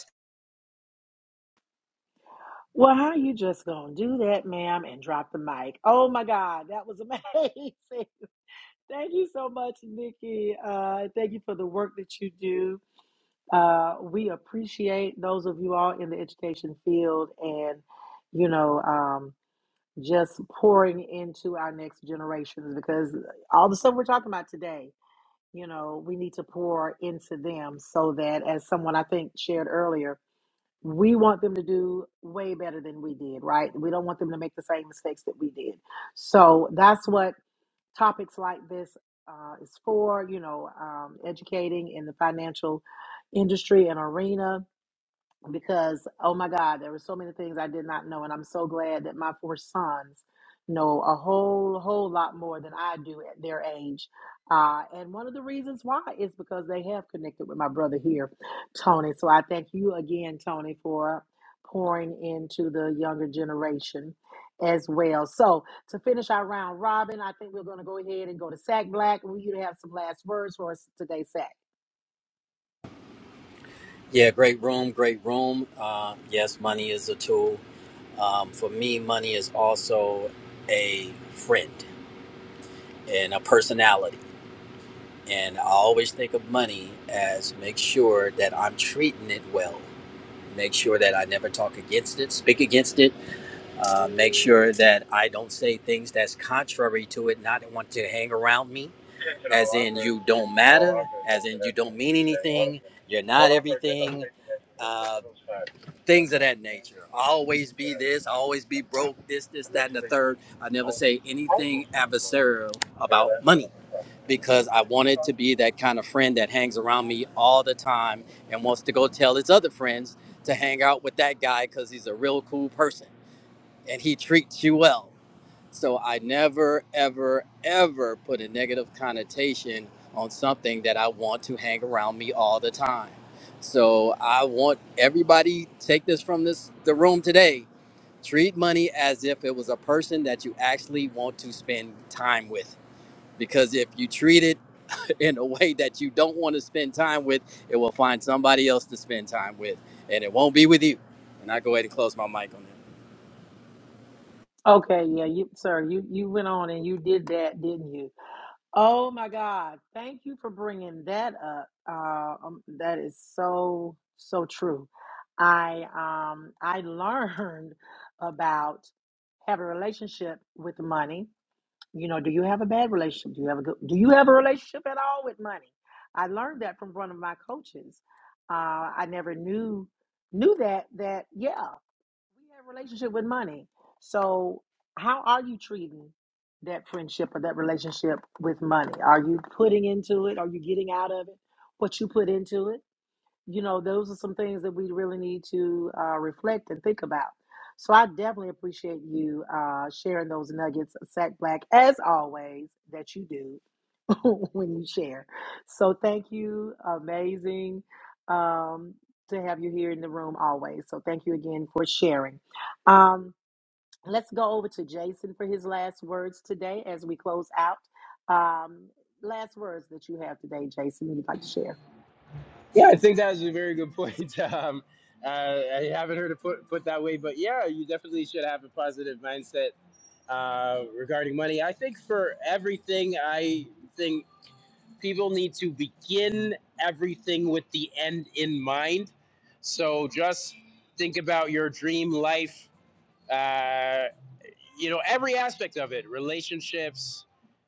S1: Well, how you just gonna do that, ma'am, and drop the mic? Oh my God, that was amazing! thank you so much, Nikki. Uh, thank you for the work that you do. Uh, we appreciate those of you all in the education field, and you know, um, just pouring into our next generations because all the stuff we're talking about today, you know, we need to pour into them so that, as someone I think shared earlier we want them to do way better than we did, right? We don't want them to make the same mistakes that we did. So that's what topics like this uh, is for, you know, um, educating in the financial industry and arena because oh my god there were so many things i did not know and i'm so glad that my four sons know a whole whole lot more than i do at their age uh, and one of the reasons why is because they have connected with my brother here tony so i thank you again tony for pouring into the younger generation as well so to finish our round robin i think we're going to go ahead and go to sack black we you to have some last words for us today sack
S7: Yeah, great room, great room. Uh, yes, money is a tool. Um, for me, money is also a friend and a personality. And I always think of money as make sure that I'm treating it well. Make sure that I never talk against it, speak against it. Uh, make sure that I don't say things that's contrary to it, not want to hang around me as in you don't matter, as in you don't mean anything, you're not everything, uh, things of that nature. I always be this, I always be broke, this, this, that, and the third. I never say anything adversarial about money because I wanted to be that kind of friend that hangs around me all the time and wants to go tell his other friends to hang out with that guy because he's a real cool person and he treats you well. So I never, ever, ever put a negative connotation on something that I want to hang around me all the time. So I want everybody take this from this the room today. Treat money as if it was a person that you actually want to spend time with because if you treat it in a way that you don't want to spend time with, it will find somebody else to spend time with, and it won't be with you. And I go ahead and close my mic on that.
S1: okay yeah you sir you you went on and you did that didn't you Oh my God. Thank you for bringing that up. Uh, um, that is so, so true. I um I learned about have a relationship with money. You know, do you have a bad relationship? Do you have a good do you have a relationship at all with money? I learned that from one of my coaches. Uh, I never knew knew that that yeah we have a relationship with money. So how are you treating that friendship or that relationship with money? Are you putting into it? Are you getting out of it what you put into it? You know, those are some things that we really need to uh, reflect and think about. So I definitely appreciate you uh, sharing those nuggets, Sack Black, as always, that you do. when you share. So thank you. Amazing um, to have you here in the room always. So thank you again for sharing. Um, let's go over to Jason for his last words today as we close out. Um, last words that you have today, Jason, that you'd like to share.
S6: Yeah, I think that was a very good point. Um, uh, I haven't heard it put, put that way, but yeah, you definitely should have a positive mindset uh, regarding money. I think for everything, I think people need to begin everything with the end in mind. So just think about your dream life, uh, you know, every aspect of it relationships,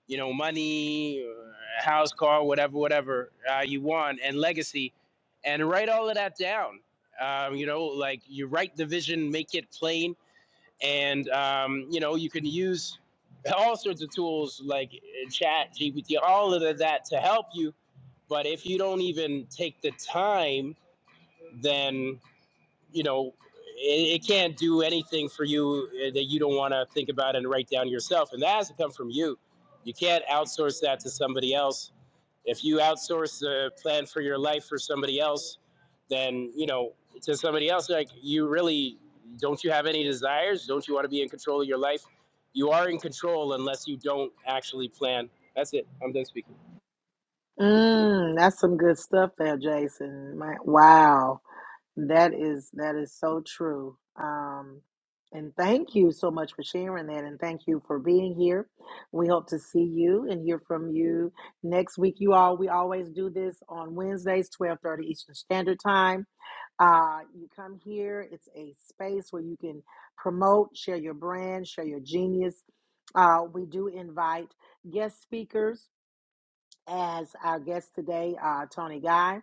S6: you know, money, uh, house, car, whatever, whatever uh, you want, and legacy, and write all of that down. Um, you know, like you write the vision, make it plain, and um, you know, you can use all sorts of tools like uh, chat, GPT, all of that to help you but if you don't even take the time, then you know it, it can't do anything for you uh, that you don't want to think about and write down yourself, and that has to come from you. You can't outsource that to somebody else. If you outsource the plan for your life for somebody else, then you know to somebody else, like you really don't you have any desires? Don't you want to be in control of your life? You are in control unless you don't actually plan. That's it. I'm done speaking.
S1: Mm, that's some good stuff there, Jason. My, wow. That is that is so true. Um, and thank you so much for sharing that, and thank you for being here. We hope to see you and hear from you next week. You all, we always do this on Wednesdays, twelve thirty Eastern Standard Time. Uh, you come here; it's a space where you can promote, share your brand, share your genius. Uh, we do invite guest speakers as our guest today, uh, Tony Guy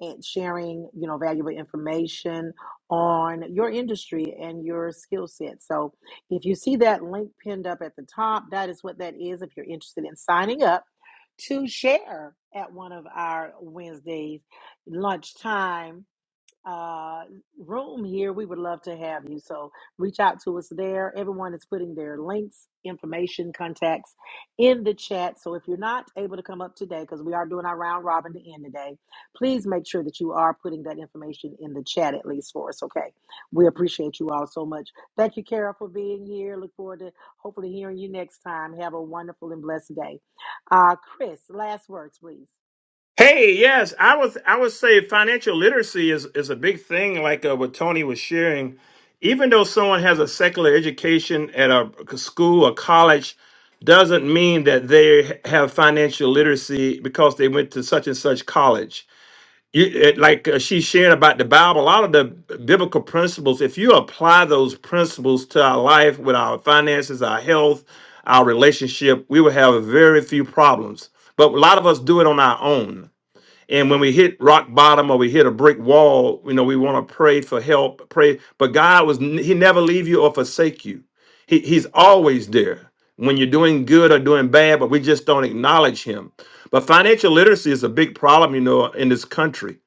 S1: and sharing, you know, valuable information on your industry and your skill set. So if you see that link pinned up at the top, that is what that is. If you're interested in signing up to share at one of our Wednesdays lunchtime uh, room here, we would love to have you. So reach out to us there. Everyone is putting their links, information, contacts in the chat. So if you're not able to come up today, because we are doing our round robin to end today, please make sure that you are putting that information in the chat at least for us. Okay. We appreciate you all so much. Thank you, Carol, for being here. Look forward to hopefully hearing you next time. Have a wonderful and blessed day. Uh, Chris, last words, please.
S8: Hey, yes, I was. I would say financial literacy is is a big thing. Like uh, what Tony was sharing, even though someone has a secular education at a school or college, doesn't mean that they have financial literacy because they went to such and such college you, it, like uh, she shared about the Bible, a lot of the biblical principles, if you apply those principles to our life with our finances, our health, our relationship, we will have very few problems. But a lot of us do it on our own. And when we hit rock bottom or we hit a brick wall, you know, we want to pray for help, pray. But God was, n- He never leave you or forsake you. He, he's always there when you're doing good or doing bad, but we just don't acknowledge Him. But financial literacy is a big problem, you know, in this country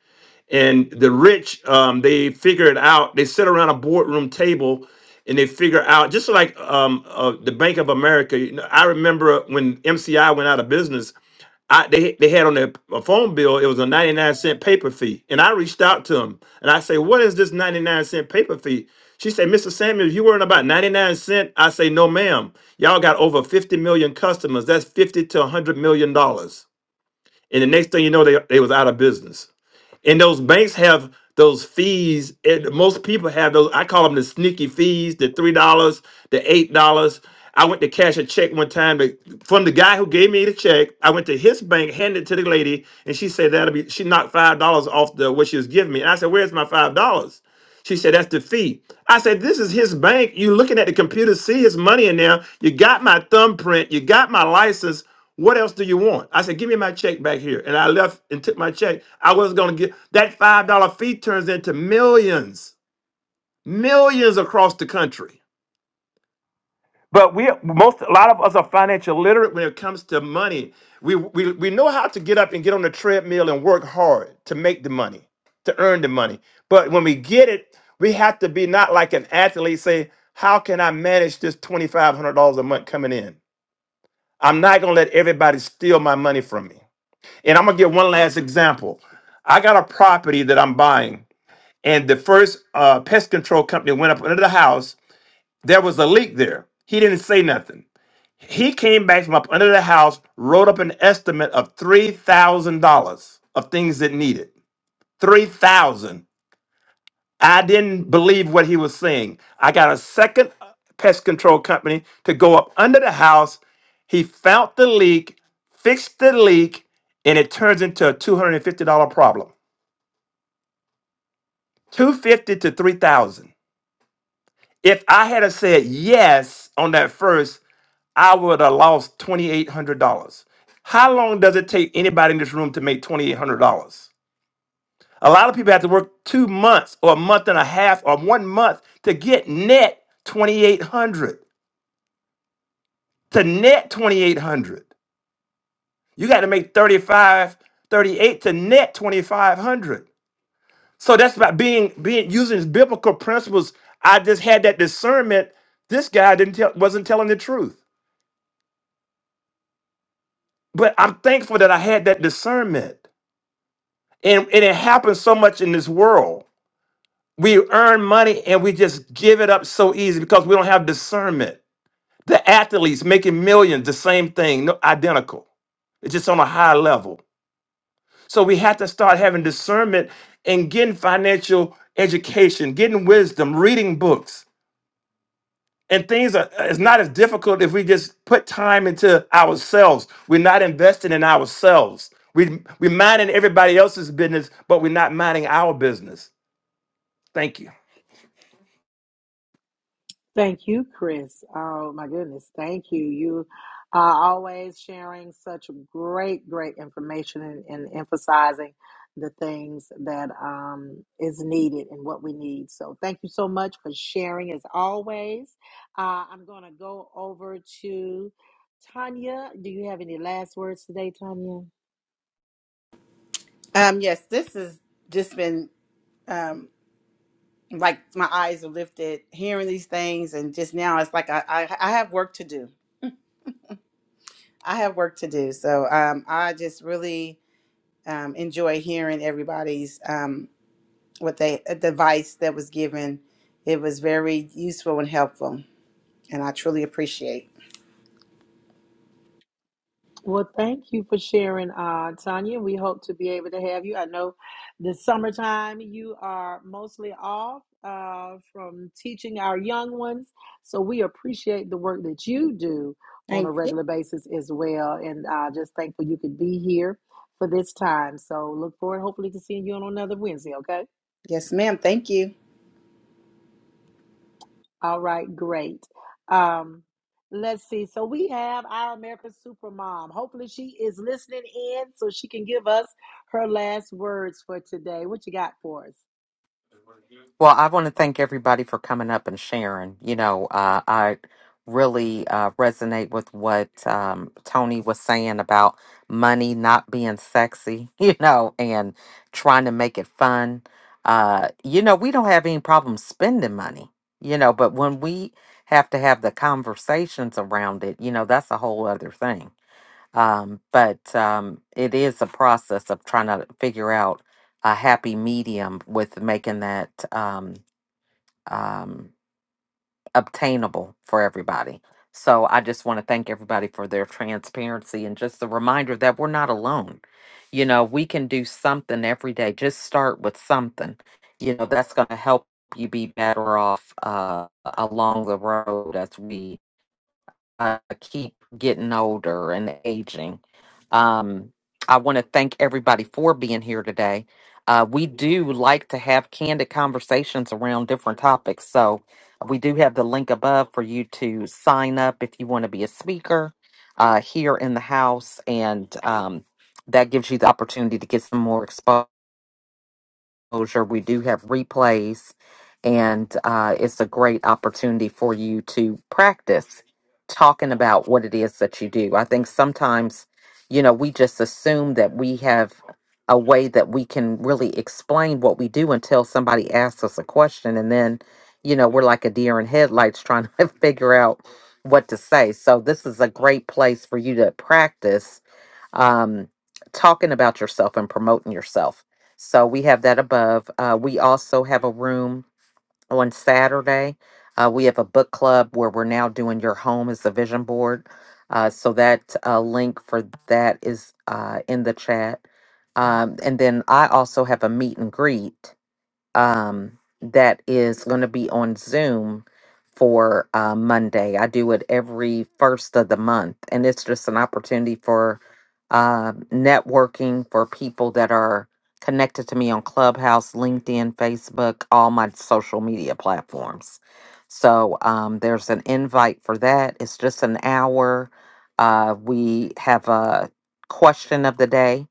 S8: and the rich um, they figure it out they sit around a boardroom table and they figure out just like um, uh, the bank of america you know, i remember when mci went out of business I, they, they had on their a phone bill it was a 99 cent paper fee and i reached out to them and i say what is this 99 cent paper fee she said mr samuels you weren't about 99 cent i say no ma'am y'all got over 50 million customers that's 50 to 100 million dollars and the next thing you know they, they was out of business and those banks have those fees. And most people have those. I call them the sneaky fees, the three dollars, the eight dollars. I went to cash a check one time to, from the guy who gave me the check. I went to his bank, handed it to the lady, and she said that'll be. She knocked five dollars off the what she was giving me, and I said, "Where's my five dollars?" She said, that's the fee." I said, this is his bank. You looking at the computer, see his money in there. You got my thumbprint. You got my license. What else do you want? I said, give me my check back here. And I left and took my check. I was going to get that $5 fee turns into millions, millions across the country. But we most a lot of us are financial literate when it comes to money. We we we know how to get up and get on the treadmill and work hard to make the money, to earn the money. But when we get it, we have to be not like an athlete say, "How can I manage this $2500 a month coming in? I'm not going to let everybody steal my money from me." And I'm going to give one last example. I got a property that I'm buying, and the first uh, pest control company went up under the house. There was a leak there. He didn't say nothing. He came back from up under the house, wrote up an estimate of three thousand dollars of things that needed. Three thousand. I didn't believe what he was saying. I got a second pest control company to go up under the house. He found the leak, fixed the leak, and it turns into a two hundred and fifty dollar problem. Two fifty to three thousand. If I had have said yes on that first, I would have lost $2,800. How long does it take anybody in this room to make $2,800? A lot of people have to work two months or a month and a half or one month to get net 2,800. To net 2,800. You got to make 35, 38 to net 2,500. So that's about being, being using biblical principles. I just had that discernment. This guy didn't tell, wasn't telling the truth. But I'm thankful that I had that discernment. and, and it happens so much in this world. We earn money and we just give it up so easy because we don't have discernment. The athletes making millions, the same thing, no, identical. It's just on a high level. So we have to start having discernment and getting financial education, getting wisdom, reading books. And things are it's not as difficult if we just put time into ourselves. We're not investing in ourselves. We we minding everybody else's business, but we're not minding our business. Thank you.
S1: Thank you, Chris. Oh my goodness. Thank you. You are always sharing such great, great information and, and emphasizing the things that um, is needed and what we need. So thank you so much for sharing as always. Uh, I'm going to go over to Tanya. Do you have any last words today, Tanya?
S9: um yes this has just been um. like my eyes are lifted hearing these things and just now it's like I, I, I have work to do i have work to do so um, i just really um, enjoy hearing everybody's um, what they uh, the advice that was given it was very useful and helpful and i truly appreciate
S1: Well, thank you for sharing, uh, Tanya. We hope to be able to have you. I know this summertime you are mostly off uh, from teaching our young ones, so we appreciate the work that you do on a
S9: Thank you.
S1: regular basis as well. And uh, just thankful you could be here for this time. So look forward, hopefully, to seeing you on another Wednesday. Okay.
S9: yes ma'am thank you
S1: All right, great. Um, let's see. So we have our American Supermom. Hopefully, she is listening in so she can give us her last words for today. What you got for us?
S2: Well, I want to thank everybody for coming up and sharing. You know, uh, I really uh, resonate with what um, Tony was saying about money not being sexy, you know, and trying to make it fun. Uh, you know, we don't have any problem spending money, you know, but when we have to have the conversations around it, you know, that's a whole other thing. Um, but um, it is a process of trying to figure out a happy medium with making that. Um, um, obtainable for everybody. So I just want to thank everybody for their transparency and just the reminder that we're not alone. You know, we can do something every day. Just start with something. You know, that's going to help you be better off uh, along the road as we uh, keep getting older and aging. Um, I want to thank everybody for being here today. Uh, we do like to have candid conversations around different topics. So we do have the link above for you to sign up if you want to be a speaker uh, here in the house. And um, that gives you the opportunity to get some more exposure exposure. We do have replays, and uh, it's a great opportunity for you to practice talking about what it is that you do. I think sometimes, you know, we just assume that we have a way that we can really explain what we do until somebody asks us a question. And then, you know, we're like a deer in headlights trying to figure out what to say. So, this is a great place for you to practice um, talking about yourself and promoting yourself. So we have that above. Uh, we also have a room on Saturday. Uh, we have a book club where we're now doing your home as a vision board. Uh, so that uh, link for that is uh, in the chat. Um, and then I also have a meet and greet um, that is going to be on Zoom for uh, Monday. I do it every first of the month, and it's just an opportunity for uh, networking for people that are connected to me on Clubhouse, LinkedIn, Facebook, all my social media platforms. So um, there's an invite for that. It's just an hour. Uh, we have a question of the day,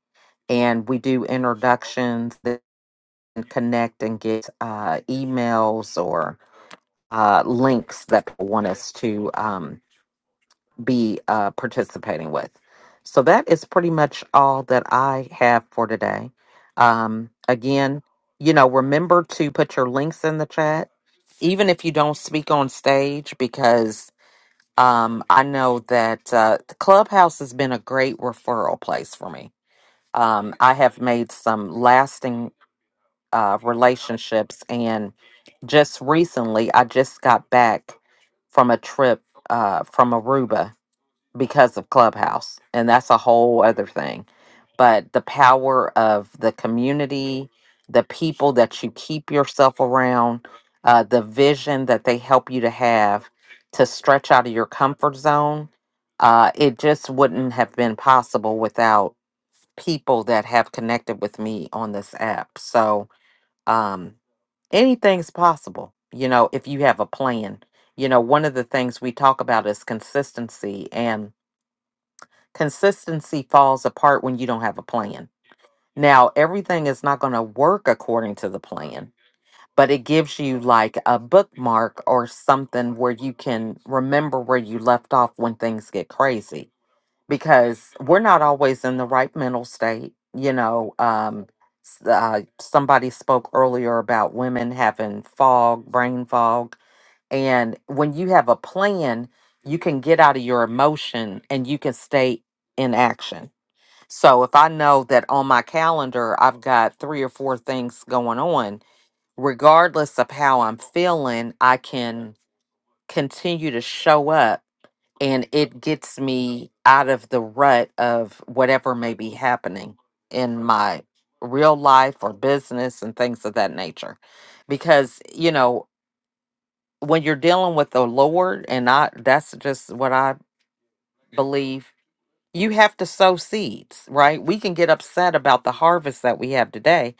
S2: and we do introductions and connect and get uh, emails or uh, links that people want us to um, be uh, participating with. So that is pretty much all that I have for today. Um, again, you know, remember to put your links in the chat, even if you don't speak on stage, because um, I know that uh, Clubhouse has been a great referral place for me. Um, I have made some lasting uh, relationships. And just recently, I just got back from a trip uh, from Aruba because of Clubhouse. And that's a whole other thing. But the power of the community, the people that you keep yourself around, uh, the vision that they help you to have to stretch out of your comfort zone, uh, it just wouldn't have been possible without people that have connected with me on this app. So, um anything's possible you know if you have a plan you know one of the things we talk about is consistency and consistency falls apart when you don't have a plan now everything is not going to work according to the plan but it gives you like a bookmark or something where you can remember where you left off when things get crazy because we're not always in the right mental state. You know, um, s- uh, somebody spoke earlier about women having fog, brain fog. And when you have a plan, you can get out of your emotion and you can stay in action. So if I know that on my calendar, I've got three or four things going on, regardless of how I'm feeling, I can continue to show up and it gets me out of the rut of whatever may be happening in my real life or business and things of that nature because you know when you're dealing with the lord and i that's just what i believe you have to sow seeds right we can get upset about the harvest that we have today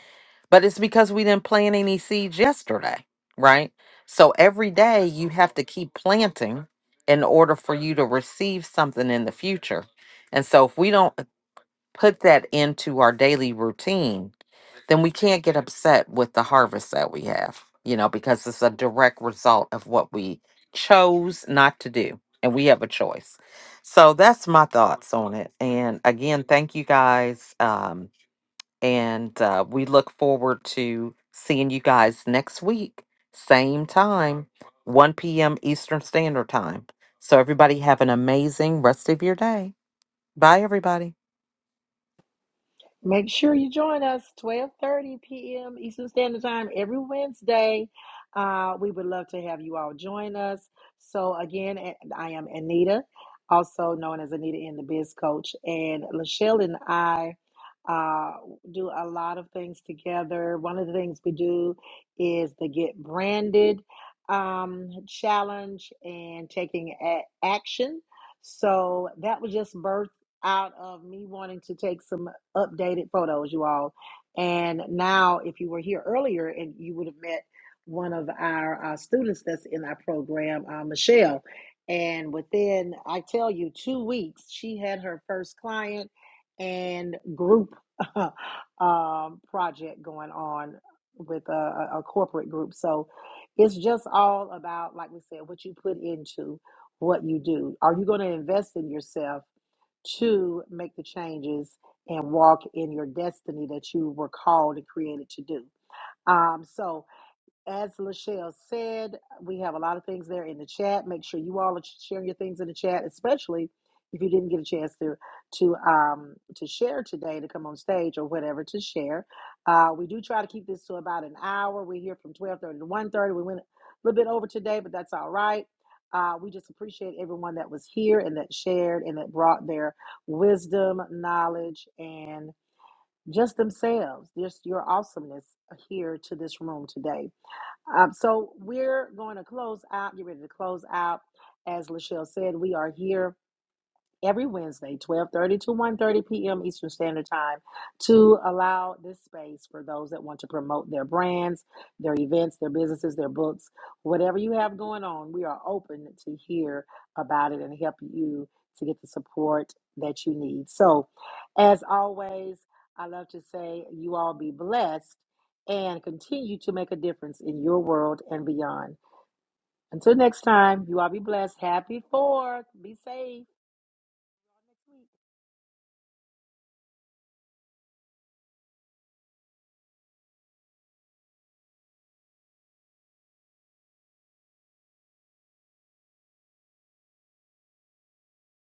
S2: but it's because we didn't plant any seeds yesterday, right? So every day you have to keep planting in order for you to receive something in the future. And so if we don't put that into our daily routine, then we can't get upset with the harvest that we have, you know, because it's a direct result of what we chose not to do. And we have a choice. So that's my thoughts on it. And again, thank you guys. Um, and uh, we look forward to seeing you guys next week, same time, 1 p.m. Eastern Standard Time. So, everybody, have an amazing rest of your day. Bye, everybody.
S1: Make sure you join us 12:30 p.m. Eastern Standard Time every Wednesday. Uh, we would love to have you all join us. So again, I am Anita, also known as Anita in the Biz Coach, and Lachelle and I uh, do a lot of things together. One of the things we do is the Get Branded um, challenge and taking a- action. So that was just birthed out of me wanting to take some updated photos, you all. And now, if you were here earlier, and you would have met one of our uh, students that's in our program, uh, Michelle. And within, I tell you, two weeks, she had her first client and group um, project going on with a, a a corporate group. So it's just all about, like we said, what you put into what you do. Are you going to invest in yourself? to make the changes and walk in your destiny that you were called and created to do. Um, so as Lachelle said, we have a lot of things there in the chat. Make sure you all are sharing your things in the chat, especially if you didn't get a chance to to um to share today to come on stage or whatever to share. Uh, we do try to keep this to about an hour. We're here from twelve thirty to one thirty. We went a little bit over today, but that's all right. Uh, we just appreciate everyone that was here and that shared and that brought their wisdom, knowledge, and just themselves, just your awesomeness here to this room today. Um, so we're going to close out, get ready to close out. As Lachelle said, we are here every Wednesday, 12:30 to one thirty p.m. Eastern Standard Time to allow this space for those that want to promote their brands, their events, their businesses, their books, whatever you have going on, we are open to hear about it and help you to get the support that you need. So, as always, I love to say you all be blessed and continue to make a difference in your world and beyond. Until next time, you all be blessed. Happy 4th. Be safe.